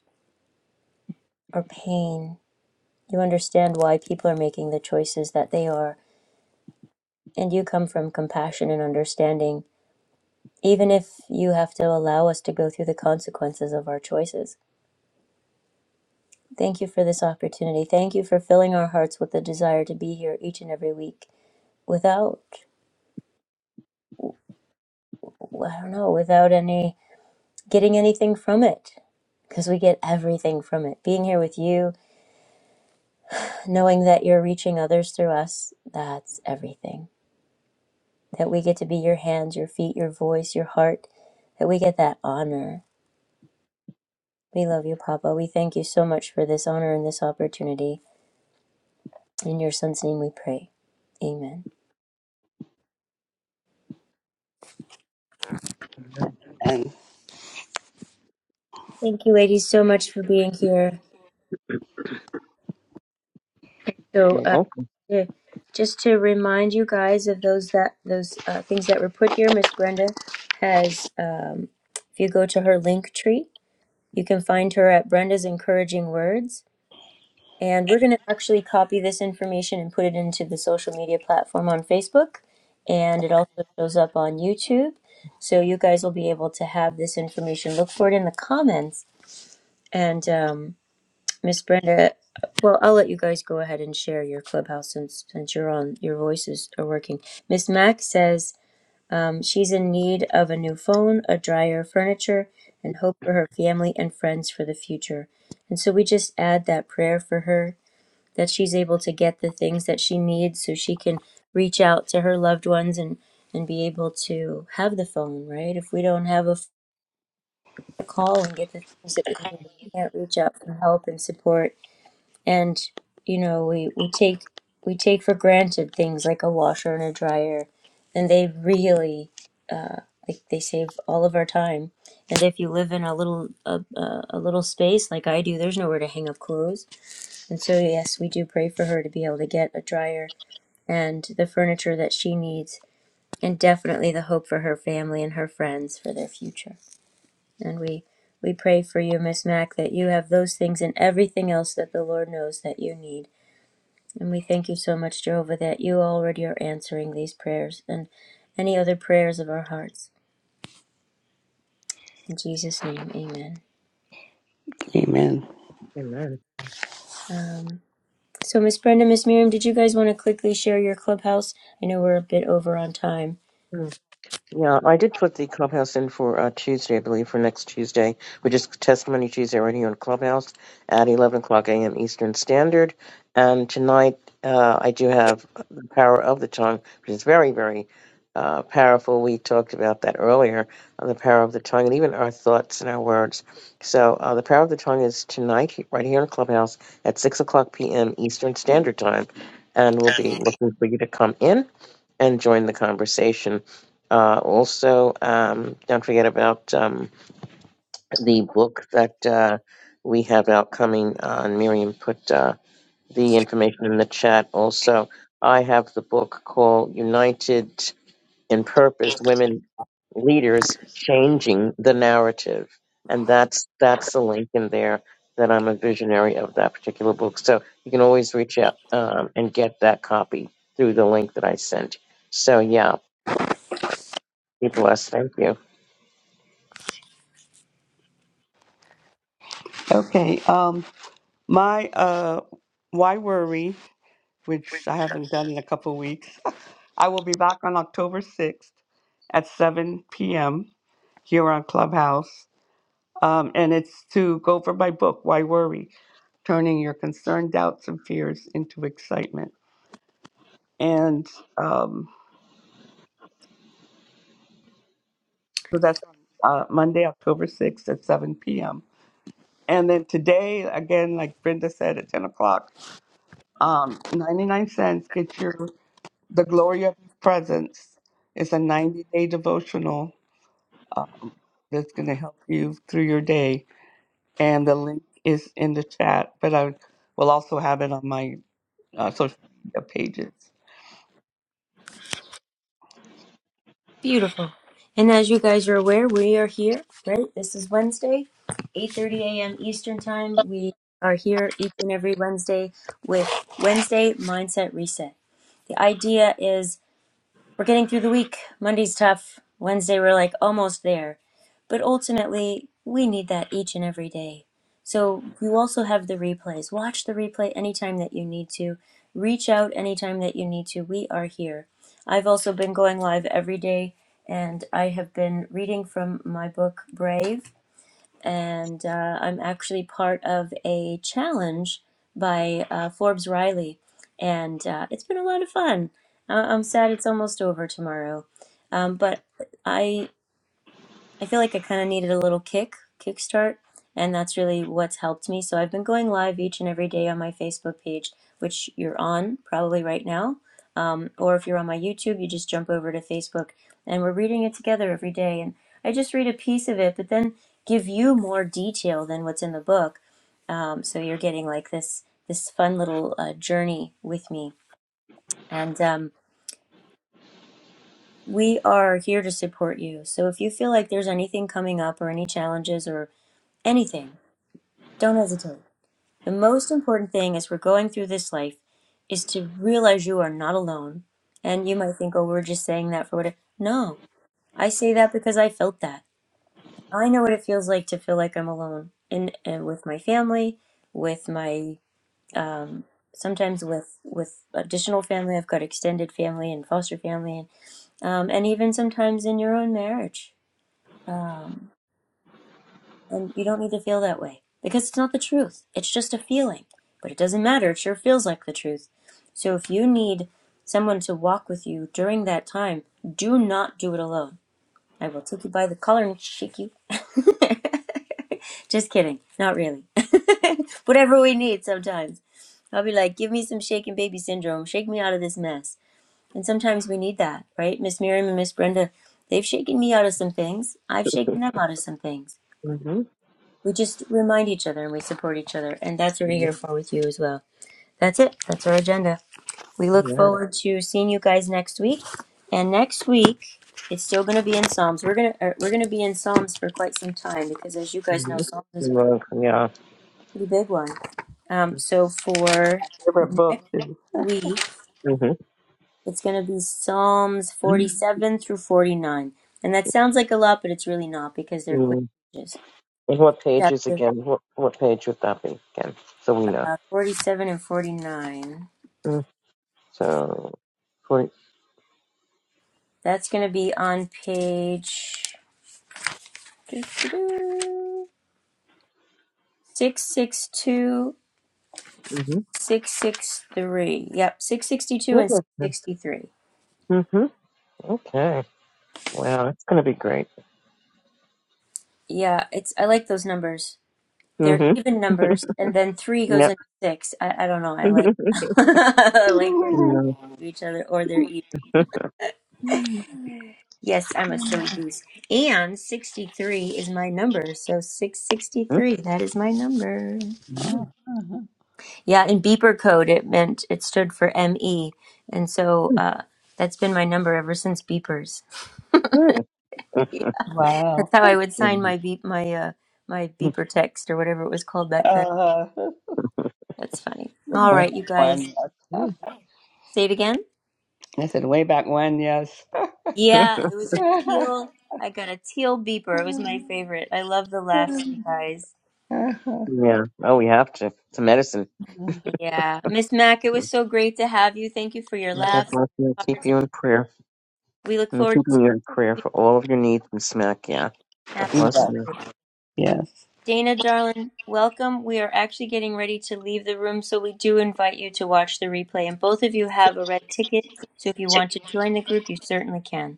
Speaker 1: our pain. You understand why people are making the choices that they are. And you come from compassion and understanding, even if you have to allow us to go through the consequences of our choices. Thank you for this opportunity. Thank you for filling our hearts with the desire to be here each and every week without, I don't know, without any getting anything from it because we get everything from it. Being here with you, knowing that you're reaching others through us, that's everything. That we get to be your hands, your feet, your voice, your heart, that we get that honor. We love you, Papa. We thank you so much for this honor and this opportunity. In your son's name we pray. Amen.
Speaker 2: Amen.
Speaker 3: And
Speaker 1: Thank you, ladies, so much for being here. So,
Speaker 2: You're
Speaker 1: uh,
Speaker 2: welcome.
Speaker 1: yeah, just to remind you guys of those that those uh, things that were put here, Miss Brenda has. Um, if you go to her link tree, you can find her at Brenda's Encouraging Words And we're going to actually copy this information and put it into the social media platform on Facebook. And it also shows up on YouTube. So you guys will be able to have this information. Look for it in the comments. And um, Miss Brenda, well, I'll let you guys go ahead and share your clubhouse since since you're on. Your voices are working. Miss Mac says um, she's in need of a new phone, a dryer, furniture, and hope for her family and friends for the future. And so we just add that prayer for her that she's able to get the things that she needs so she can reach out to her loved ones and and be able to have the phone right if we don't have a f- call and get the things that we need we can't reach out for help and support and you know we we take we take for granted things like a washer and a dryer and they really like they save all of our time and if you live in a little a, a, a little space like i do there's nowhere to hang up clothes and so yes we do pray for her to be able to get a dryer and the furniture that she needs, and definitely the hope for her family and her friends for their future. And we we pray for you, Miss Mack, that you have those things and everything else that the Lord knows that you need. And we thank you so much, Jehovah, that you already are answering these prayers and any other prayers of our hearts. In Jesus' name, amen.
Speaker 3: amen.
Speaker 2: Amen.
Speaker 1: Um, so, Miss Brenda, Miss Miriam, did you guys want to quickly share your clubhouse? I know we're a bit over on time,
Speaker 2: Yeah, I did put the clubhouse in for uh, Tuesday, I believe, for next Tuesday, which is Testimony Tuesday right here on Clubhouse at 11 o'clock a.m. Eastern Standard. And tonight uh, I do have The Power of the Tongue, which is very, very uh, powerful. We talked about that earlier, uh, the power of the tongue and even our thoughts and our words. So uh, The Power of the Tongue is tonight he- right here on Clubhouse at 6 o'clock p.m. Eastern Standard Time. And we'll be looking for you to come in and join the conversation. Uh, also, um, don't forget about um, the book that uh, we have out coming. Uh, and Miriam put uh, the information in the chat. Also, I have the book called United in Purpose Women Leaders Changing the Narrative. And that's, that's the link in there that I'm a visionary of that particular book. So you can always reach out um, and get that copy through the link that I sent. So, yeah, be blessed. Thank you.
Speaker 3: Okay. Um my uh why worry, which I haven't done in a couple weeks. I will be back on October sixth at seven PM here on Clubhouse. Um, and it's to go over my book, Why Worry? Turning Your Concern, Doubts, and Fears into Excitement. And um. So that's on uh, Monday, October 6th at 7 p.m. And then today, again, like Brenda said, at 10 o'clock, um, 99 cents, get your The Glory of His Presence. It's a 90 day devotional um, that's going to help you through your day. And the link is in the chat, but I will also have it on my uh, social media pages.
Speaker 1: Beautiful. And as you guys are aware, we are here, right? This is Wednesday, 8:30 a.m. Eastern Time. We are here each and every Wednesday with Wednesday Mindset Reset. The idea is we're getting through the week. Monday's tough. Wednesday, we're like almost there. But ultimately, we need that each and every day. So you also have the replays. Watch the replay anytime that you need to. Reach out anytime that you need to. We are here. I've also been going live every day, and I have been reading from my book, Brave and uh, I'm actually part of a challenge by uh, Forbes Riley, and uh, it's been a lot of fun. I- I'm sad it's almost over tomorrow, um, but I I feel like I kind of needed a little kick, kickstart, and that's really what's helped me. So I've been going live each and every day on my Facebook page, which you're on probably right now. Um, or if you're on my YouTube, you just jump over to Facebook and we're reading it together every day. And I just read a piece of it, but then give you more detail than what's in the book. Um, so you're getting like this this fun little uh, journey with me. And um, we are here to support you. So if you feel like there's anything coming up or any challenges or Anything. Don't hesitate. The most important thing as we're going through this life is to realize you are not alone. And you might think, oh, we're just saying that for what? No, I say that because I felt that. I know what it feels like to feel like I'm alone in and with my family, with my um, sometimes with with additional family. I've got extended family and foster family, and um, and even sometimes in your own marriage. Um, And you don't need to feel that way because it's not the truth. It's just a feeling. But it doesn't matter. It sure feels like the truth. So if you need someone to walk with you during that time, do not do it alone. I will take you by the collar and shake you. just kidding. Not really. Whatever we need sometimes. I'll be like, give me some shaken baby syndrome. Shake me out of this mess. And sometimes we need that, right? Miss Miriam and Miss Brenda, they've shaken me out of some things. I've shaken them out of some things
Speaker 2: Mm-hmm.
Speaker 1: we just remind each other and we support each other. And that's what we're here
Speaker 2: Amen.
Speaker 1: for with you as well. That's it. That's our agenda. We look forward to seeing you guys next week. And next week, it's still going to be in Psalms. We're going to uh, we're going to be in Psalms for quite some time because as you guys know, Psalms
Speaker 2: Mm-hmm.
Speaker 1: is a
Speaker 2: Amen. Yeah.
Speaker 1: pretty big one. Um, so for
Speaker 3: Favorite
Speaker 1: next
Speaker 3: book is.
Speaker 1: week,
Speaker 2: Mm-hmm.
Speaker 1: it's going to be Psalms 47 through 49. And that sounds like a lot, but it's really not because they're quick
Speaker 2: mm
Speaker 1: pages.
Speaker 2: And what page is
Speaker 1: Chapter
Speaker 2: again? What, what page would that be again? So we know.
Speaker 1: 47 and 49.
Speaker 2: Mm. So, 40.
Speaker 1: That's going to be on page 662, 663. Yep, 662 and
Speaker 2: Mm-hmm.
Speaker 1: 663.
Speaker 2: hmm Okay. Wow, that's going to be great.
Speaker 1: Yeah, it's I like those numbers. They're
Speaker 2: Mm-hmm.
Speaker 1: even numbers, and then three goes
Speaker 2: Yeah.
Speaker 1: into six. I, I don't know. I
Speaker 2: yeah.
Speaker 1: like I like when
Speaker 2: Mhm.
Speaker 1: they do each other or they're even. Yes, I'm a silly goose. And 63 is my number, so 663. That is my number. Yeah, in beeper code, it meant it stood for ME. And so uh, that's been my number ever since beepers.
Speaker 2: Yeah.
Speaker 1: That's
Speaker 3: wow.
Speaker 1: how I would sign
Speaker 2: Mhm.
Speaker 1: my beep, my uh, my beeper text or whatever it was called back then.
Speaker 3: Uh,
Speaker 1: That's funny. All
Speaker 3: where
Speaker 1: right, you guys,
Speaker 3: one?
Speaker 2: Mhm.
Speaker 1: say it again.
Speaker 3: I said, way back when, yes.
Speaker 1: Yeah, it was a teal. I got a teal beeper. It was my favorite. I love the laughs, you guys.
Speaker 2: Yeah. Oh, we have to. It's a medicine.
Speaker 1: Yeah, Miss Mac, it
Speaker 2: Mhm.
Speaker 1: was so great to have you. Thank you for your
Speaker 2: God
Speaker 1: laughs
Speaker 2: bless you.
Speaker 1: and
Speaker 2: Keep
Speaker 1: hearts.
Speaker 2: you in prayer.
Speaker 1: we look
Speaker 2: I'm
Speaker 1: forward to
Speaker 2: keeping
Speaker 1: seeing
Speaker 2: your in prayer
Speaker 1: you.
Speaker 2: for all of your needs, Miss Mac. Yeah. God
Speaker 3: yes,
Speaker 2: bless you.
Speaker 1: Absolutely.
Speaker 3: yes.
Speaker 1: Dana, darling, welcome. We are actually getting ready to leave the room, so we do invite you to watch the replay. And both of you have a red ticket, so if you want to join the group, you certainly can.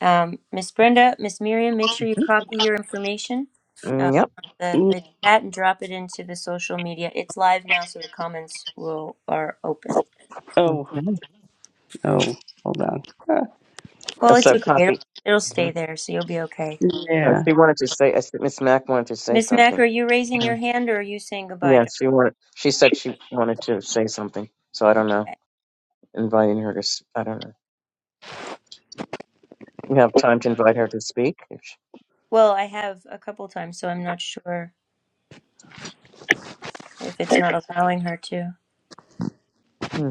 Speaker 1: Um, Miss Brenda, Miss Miriam, make sure you copy your information,
Speaker 2: Mm-hmm.
Speaker 1: uh,
Speaker 2: Mm, yep.
Speaker 1: the the chat, and drop it into the social media. It's live now, so the comments will are open.
Speaker 3: Oh,
Speaker 2: Okay.
Speaker 3: oh, hold on.
Speaker 2: Oh,
Speaker 1: Well, it's
Speaker 2: So
Speaker 1: okay. It'll,
Speaker 2: copy.
Speaker 1: it'll
Speaker 2: Mhm.
Speaker 1: stay there, so you'll be okay.
Speaker 2: Uh,
Speaker 3: Yeah,
Speaker 2: she wanted to say, I said Miss Mac wanted to say
Speaker 1: Miss Mack,
Speaker 2: something.
Speaker 1: are you raising your
Speaker 2: Mhm.
Speaker 1: hand, or are you saying goodbye?
Speaker 2: Yeah, she wanted. She said she wanted to say something. So I don't know.
Speaker 1: darling?
Speaker 2: Inviting her to. s- I don't know. We have time to invite her to speak if, she,
Speaker 1: Well, I have a couple times, so I'm not sure. if it's not allowing her to.
Speaker 2: hmm,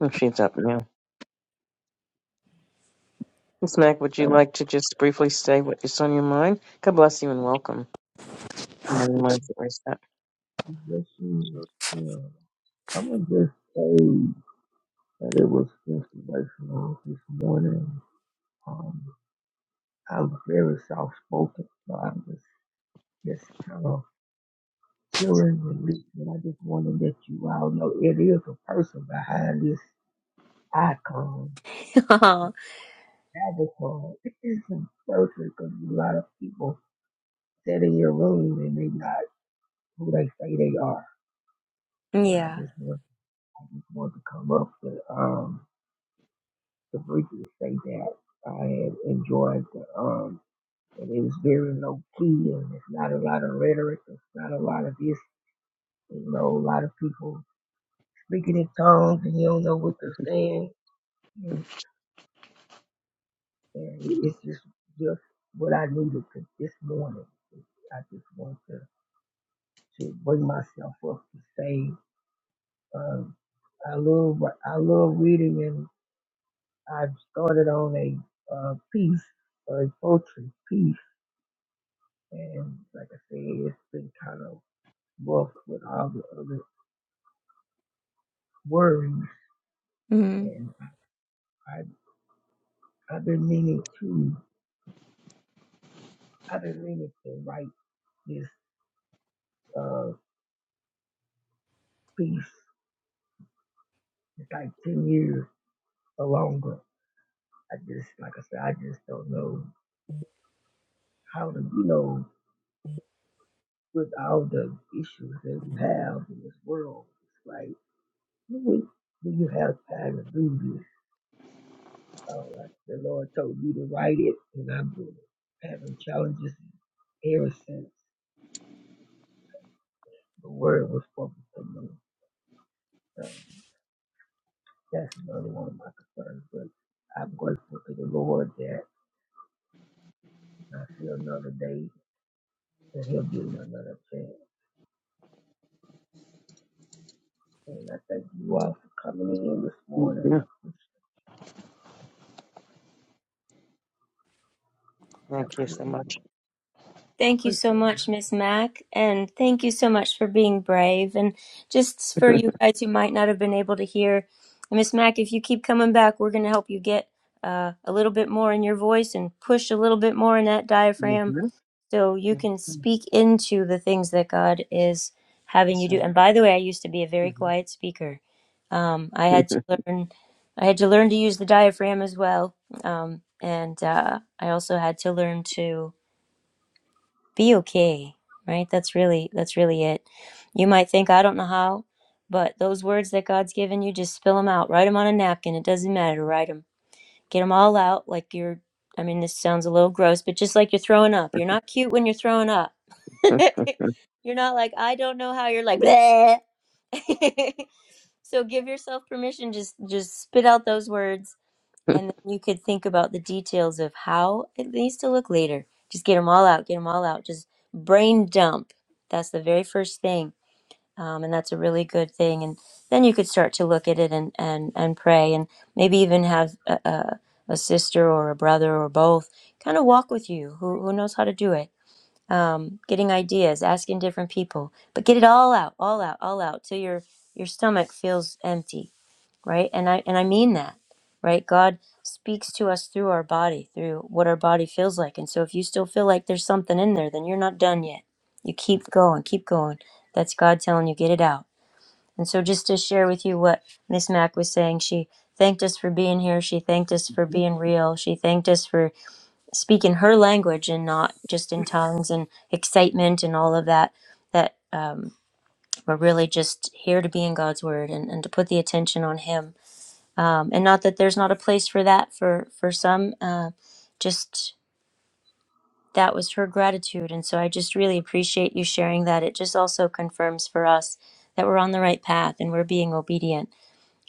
Speaker 2: if she's up now. Miss Mac, would you
Speaker 4: that
Speaker 2: like to just briefly say what is on your mind? God bless you and welcome. Good morning, mindful reset.
Speaker 4: that she, yeah. I'm gonna just say that it was inspirational this morning. Um, I'm very soft spoken, so I'm just just kind of chilling and listening. I just want to let you all know it is a person behind this icon, avatar. It is a person because a lot of people sit in your room and they not who they say they are.
Speaker 1: Oh,
Speaker 4: So I
Speaker 1: yeah.
Speaker 4: just want I just want to come up with um the freaky say that I had enjoyed the um and it was very low key and it's not a lot of rhetoric, it's not a lot of this, you know, a lot of people speaking in tongues and you don't know what they're saying and, and it's just just what I needed to this morning. I just want to to bring myself up to say um I love I love reading and I've started on a uh, piece, a poetry piece And like I say, it's been kind of rough with all the other worries.
Speaker 1: Mhm.
Speaker 4: And I, I've been meaning to, I've been meaning to write this uh, piece. It's like 10 years or longer. I just, like I said, I just don't know how to, you know, with all the issues that we have in this world, it's like, do we, you have time to do this? Uh, like the Lord told me to write it, and I've been having challenges ever since. The word was spoken to me. So that's another one of my concerns. But I'm grateful to the Lord that I see another day and He'll give me another chance. And I thank you all for coming in this morning. I
Speaker 2: Mhm.
Speaker 4: appreciate, I
Speaker 2: Thank you so
Speaker 4: truly
Speaker 2: much.
Speaker 1: Thank you so
Speaker 4: appreciate it.
Speaker 1: much, Miss Mac, and thank you so much for being brave. And just for you guys who might not have been able to hear, Miss Mac, if you keep coming back, we're going to help you get uh, a little bit more in your voice and push a little bit more in that diaphragm.
Speaker 2: Mhm.
Speaker 1: So you can speak into the things that God is having you
Speaker 2: That's
Speaker 1: do.
Speaker 2: right.
Speaker 1: And by the way, I used to be a very quiet speaker. Um, I had to
Speaker 2: Mm-hmm.
Speaker 1: learn, I had to learn to use the diaphragm as well, um, and uh, I also had to learn to be okay. Right? That's really that's really it. You might think I don't know how, but those words that God's given you, just spill them out. Write them on a napkin. It doesn't matter. Write them. Get them all out like you're. I mean, this sounds a little gross, but just like you're throwing up. You're not cute when you're throwing up you're not like I don't know how. You're like bleh. so give yourself permission. Just just spit out those words, and then you could think about the details of how it needs to look later. Just get them all out. Get them all out. Just brain dump. That's the very first thing, um, and that's a really good thing. And then you could start to look at it and and and pray, and maybe even have a, a, a sister or a brother or both kind of walk with you who who knows how to do it um, getting ideas, asking different people, but get it all out, all out, all out till your your stomach feels empty, right? And I and I mean that, right? God speaks to us through our body, through what our body feels like. And so if you still feel like there's something in there, then you're not done yet. You keep going, keep going. That's God telling you get it out. And so just to share with you what Miss Mac was saying, she thanked us for being here. She thanked us for being real. She thanked us for Speak in her language and not just in tongues and excitement and all of that that um, we're really just here to be in god's word and, and to put the attention on him um, and not that there's not a place for that for for some uh, just that was her gratitude and so i just really appreciate you sharing that it just also confirms for us that we're on the right path and we're being obedient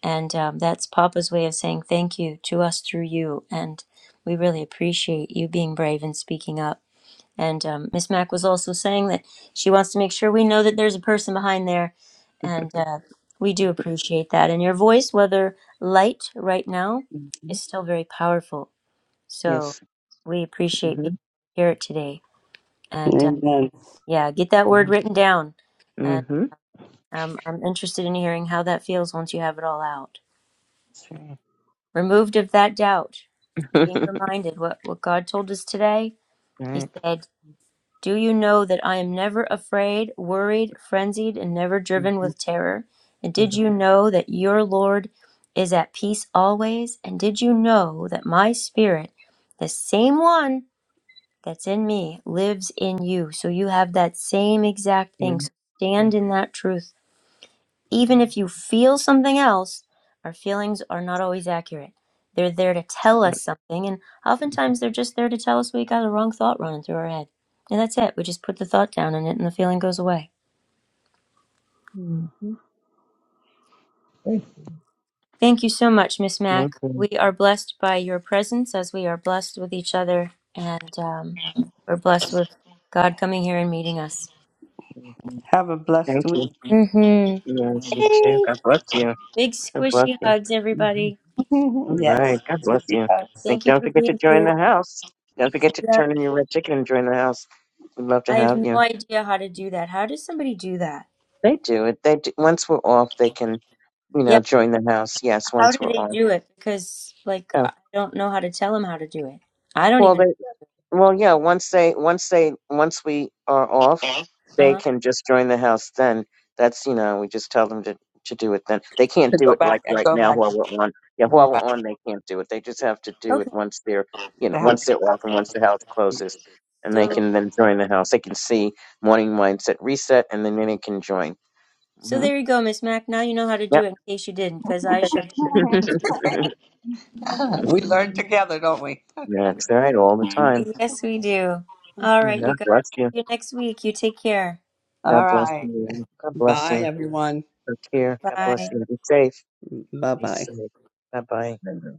Speaker 1: and um, that's papa's way of saying thank you to us through you and we really appreciate you being brave and speaking up and um, Miss Mack was also saying that she wants to make sure we know that there's a person behind there, and uh, we do appreciate that. And your voice, whether light right now, is still very powerful. So
Speaker 2: Yes.
Speaker 1: we appreciate being
Speaker 2: Mm-hmm.
Speaker 1: here today. And uh,
Speaker 3: amen.
Speaker 1: yeah, get that word written down. And
Speaker 2: Mm-hmm.
Speaker 1: um, I'm interested in hearing how that feels once you have it all out.
Speaker 2: That's
Speaker 1: Removed of that doubt, being
Speaker 2: right.
Speaker 1: reminded what what God told us today. He
Speaker 2: Right.
Speaker 1: said. Do you know that I am never afraid, worried, frenzied, and never driven
Speaker 2: Mm-hmm.
Speaker 1: with terror? And did you
Speaker 2: Beautiful.
Speaker 1: know that your Lord is at peace always? And did you know that my spirit, the same one that's in me, lives in you? So you have that same exact thing. So
Speaker 2: Mm-hmm.
Speaker 1: stand in that truth even if you feel something else, our feelings are not always accurate. They're there to tell us something, and oftentimes they're just there to tell us we got a wrong thought running through our head. And that's it. We just put the thought down in it, and the feeling goes away.
Speaker 4: hmm Thank you.
Speaker 1: Thank you so much, Miss Mack.
Speaker 2: Okay.
Speaker 1: We are blessed by your presence as we are blessed with each other, and um, we're blessed with God coming here and meeting us.
Speaker 3: Have a blessed
Speaker 2: Thank you.
Speaker 3: week.
Speaker 1: Mm-hmm.
Speaker 2: Yes, you too.
Speaker 1: Yay!
Speaker 2: God bless you.
Speaker 1: Big
Speaker 2: God bless
Speaker 1: squishy
Speaker 2: you.
Speaker 1: hugs,
Speaker 2: Mhm.
Speaker 1: everybody.
Speaker 2: All
Speaker 3: yes.
Speaker 2: right. God bless you.
Speaker 3: yes.
Speaker 2: And
Speaker 1: Thank you
Speaker 2: don't
Speaker 1: for
Speaker 2: forget to
Speaker 1: being
Speaker 2: join
Speaker 1: here.
Speaker 2: the house. Don't forget to
Speaker 1: Yep.
Speaker 2: turn in your red ticket and join the house. We'd love to
Speaker 1: I have
Speaker 2: have
Speaker 1: no
Speaker 2: you.
Speaker 1: idea how to do that. How does somebody do that?
Speaker 2: They do it. They do. Once we're off, they can, you know,
Speaker 1: Yeah,
Speaker 2: join the house. Yes,
Speaker 1: but how
Speaker 2: once
Speaker 1: do
Speaker 2: we're
Speaker 1: they
Speaker 2: off.
Speaker 1: do it? Because like
Speaker 2: Oh,
Speaker 1: I don't know how to tell them how to do it. I don't
Speaker 2: well,
Speaker 1: even.
Speaker 2: they Well, yeah. Once they, once they, once we are off,
Speaker 1: Uh
Speaker 2: they
Speaker 1: huh.
Speaker 2: can just join the house. Then that's you know, we just tell them to to do it. Then they can't
Speaker 3: To
Speaker 2: do
Speaker 3: go
Speaker 2: it
Speaker 3: back
Speaker 2: like
Speaker 3: and
Speaker 2: right
Speaker 3: go
Speaker 2: now
Speaker 3: back.
Speaker 2: while we're on. Yeah, while we're
Speaker 3: Right.
Speaker 2: on, they can't do it. They just have to do it
Speaker 1: Okay.
Speaker 2: once they're you
Speaker 3: They
Speaker 2: know,
Speaker 3: have
Speaker 2: once
Speaker 3: to go
Speaker 2: they're off and once the house closes, and they
Speaker 1: So
Speaker 2: can then join the house. They can see morning mindset reset, and then they can join.
Speaker 1: so
Speaker 2: hmm
Speaker 1: there you go, Miss Mac. Now you know how to do
Speaker 2: Yep.
Speaker 1: it in case you didn't, because I sure did.
Speaker 3: back. we learn
Speaker 4: Mm-hmm.
Speaker 3: together, don't we?
Speaker 2: that's right, all the time.
Speaker 1: Yes, we do. All
Speaker 2: Mm,
Speaker 1: right, you
Speaker 2: God
Speaker 1: guys.
Speaker 2: bless you.
Speaker 1: See you next week. You take care.
Speaker 3: All
Speaker 2: God bless
Speaker 3: right.
Speaker 2: you. God bless
Speaker 3: Bye,
Speaker 2: you.
Speaker 3: everyone.
Speaker 2: Take care. God bless
Speaker 1: Bye.
Speaker 2: you. Be safe.
Speaker 3: Bye
Speaker 2: Be
Speaker 3: bye.
Speaker 2: safe. Bye bye.
Speaker 4: Bless you.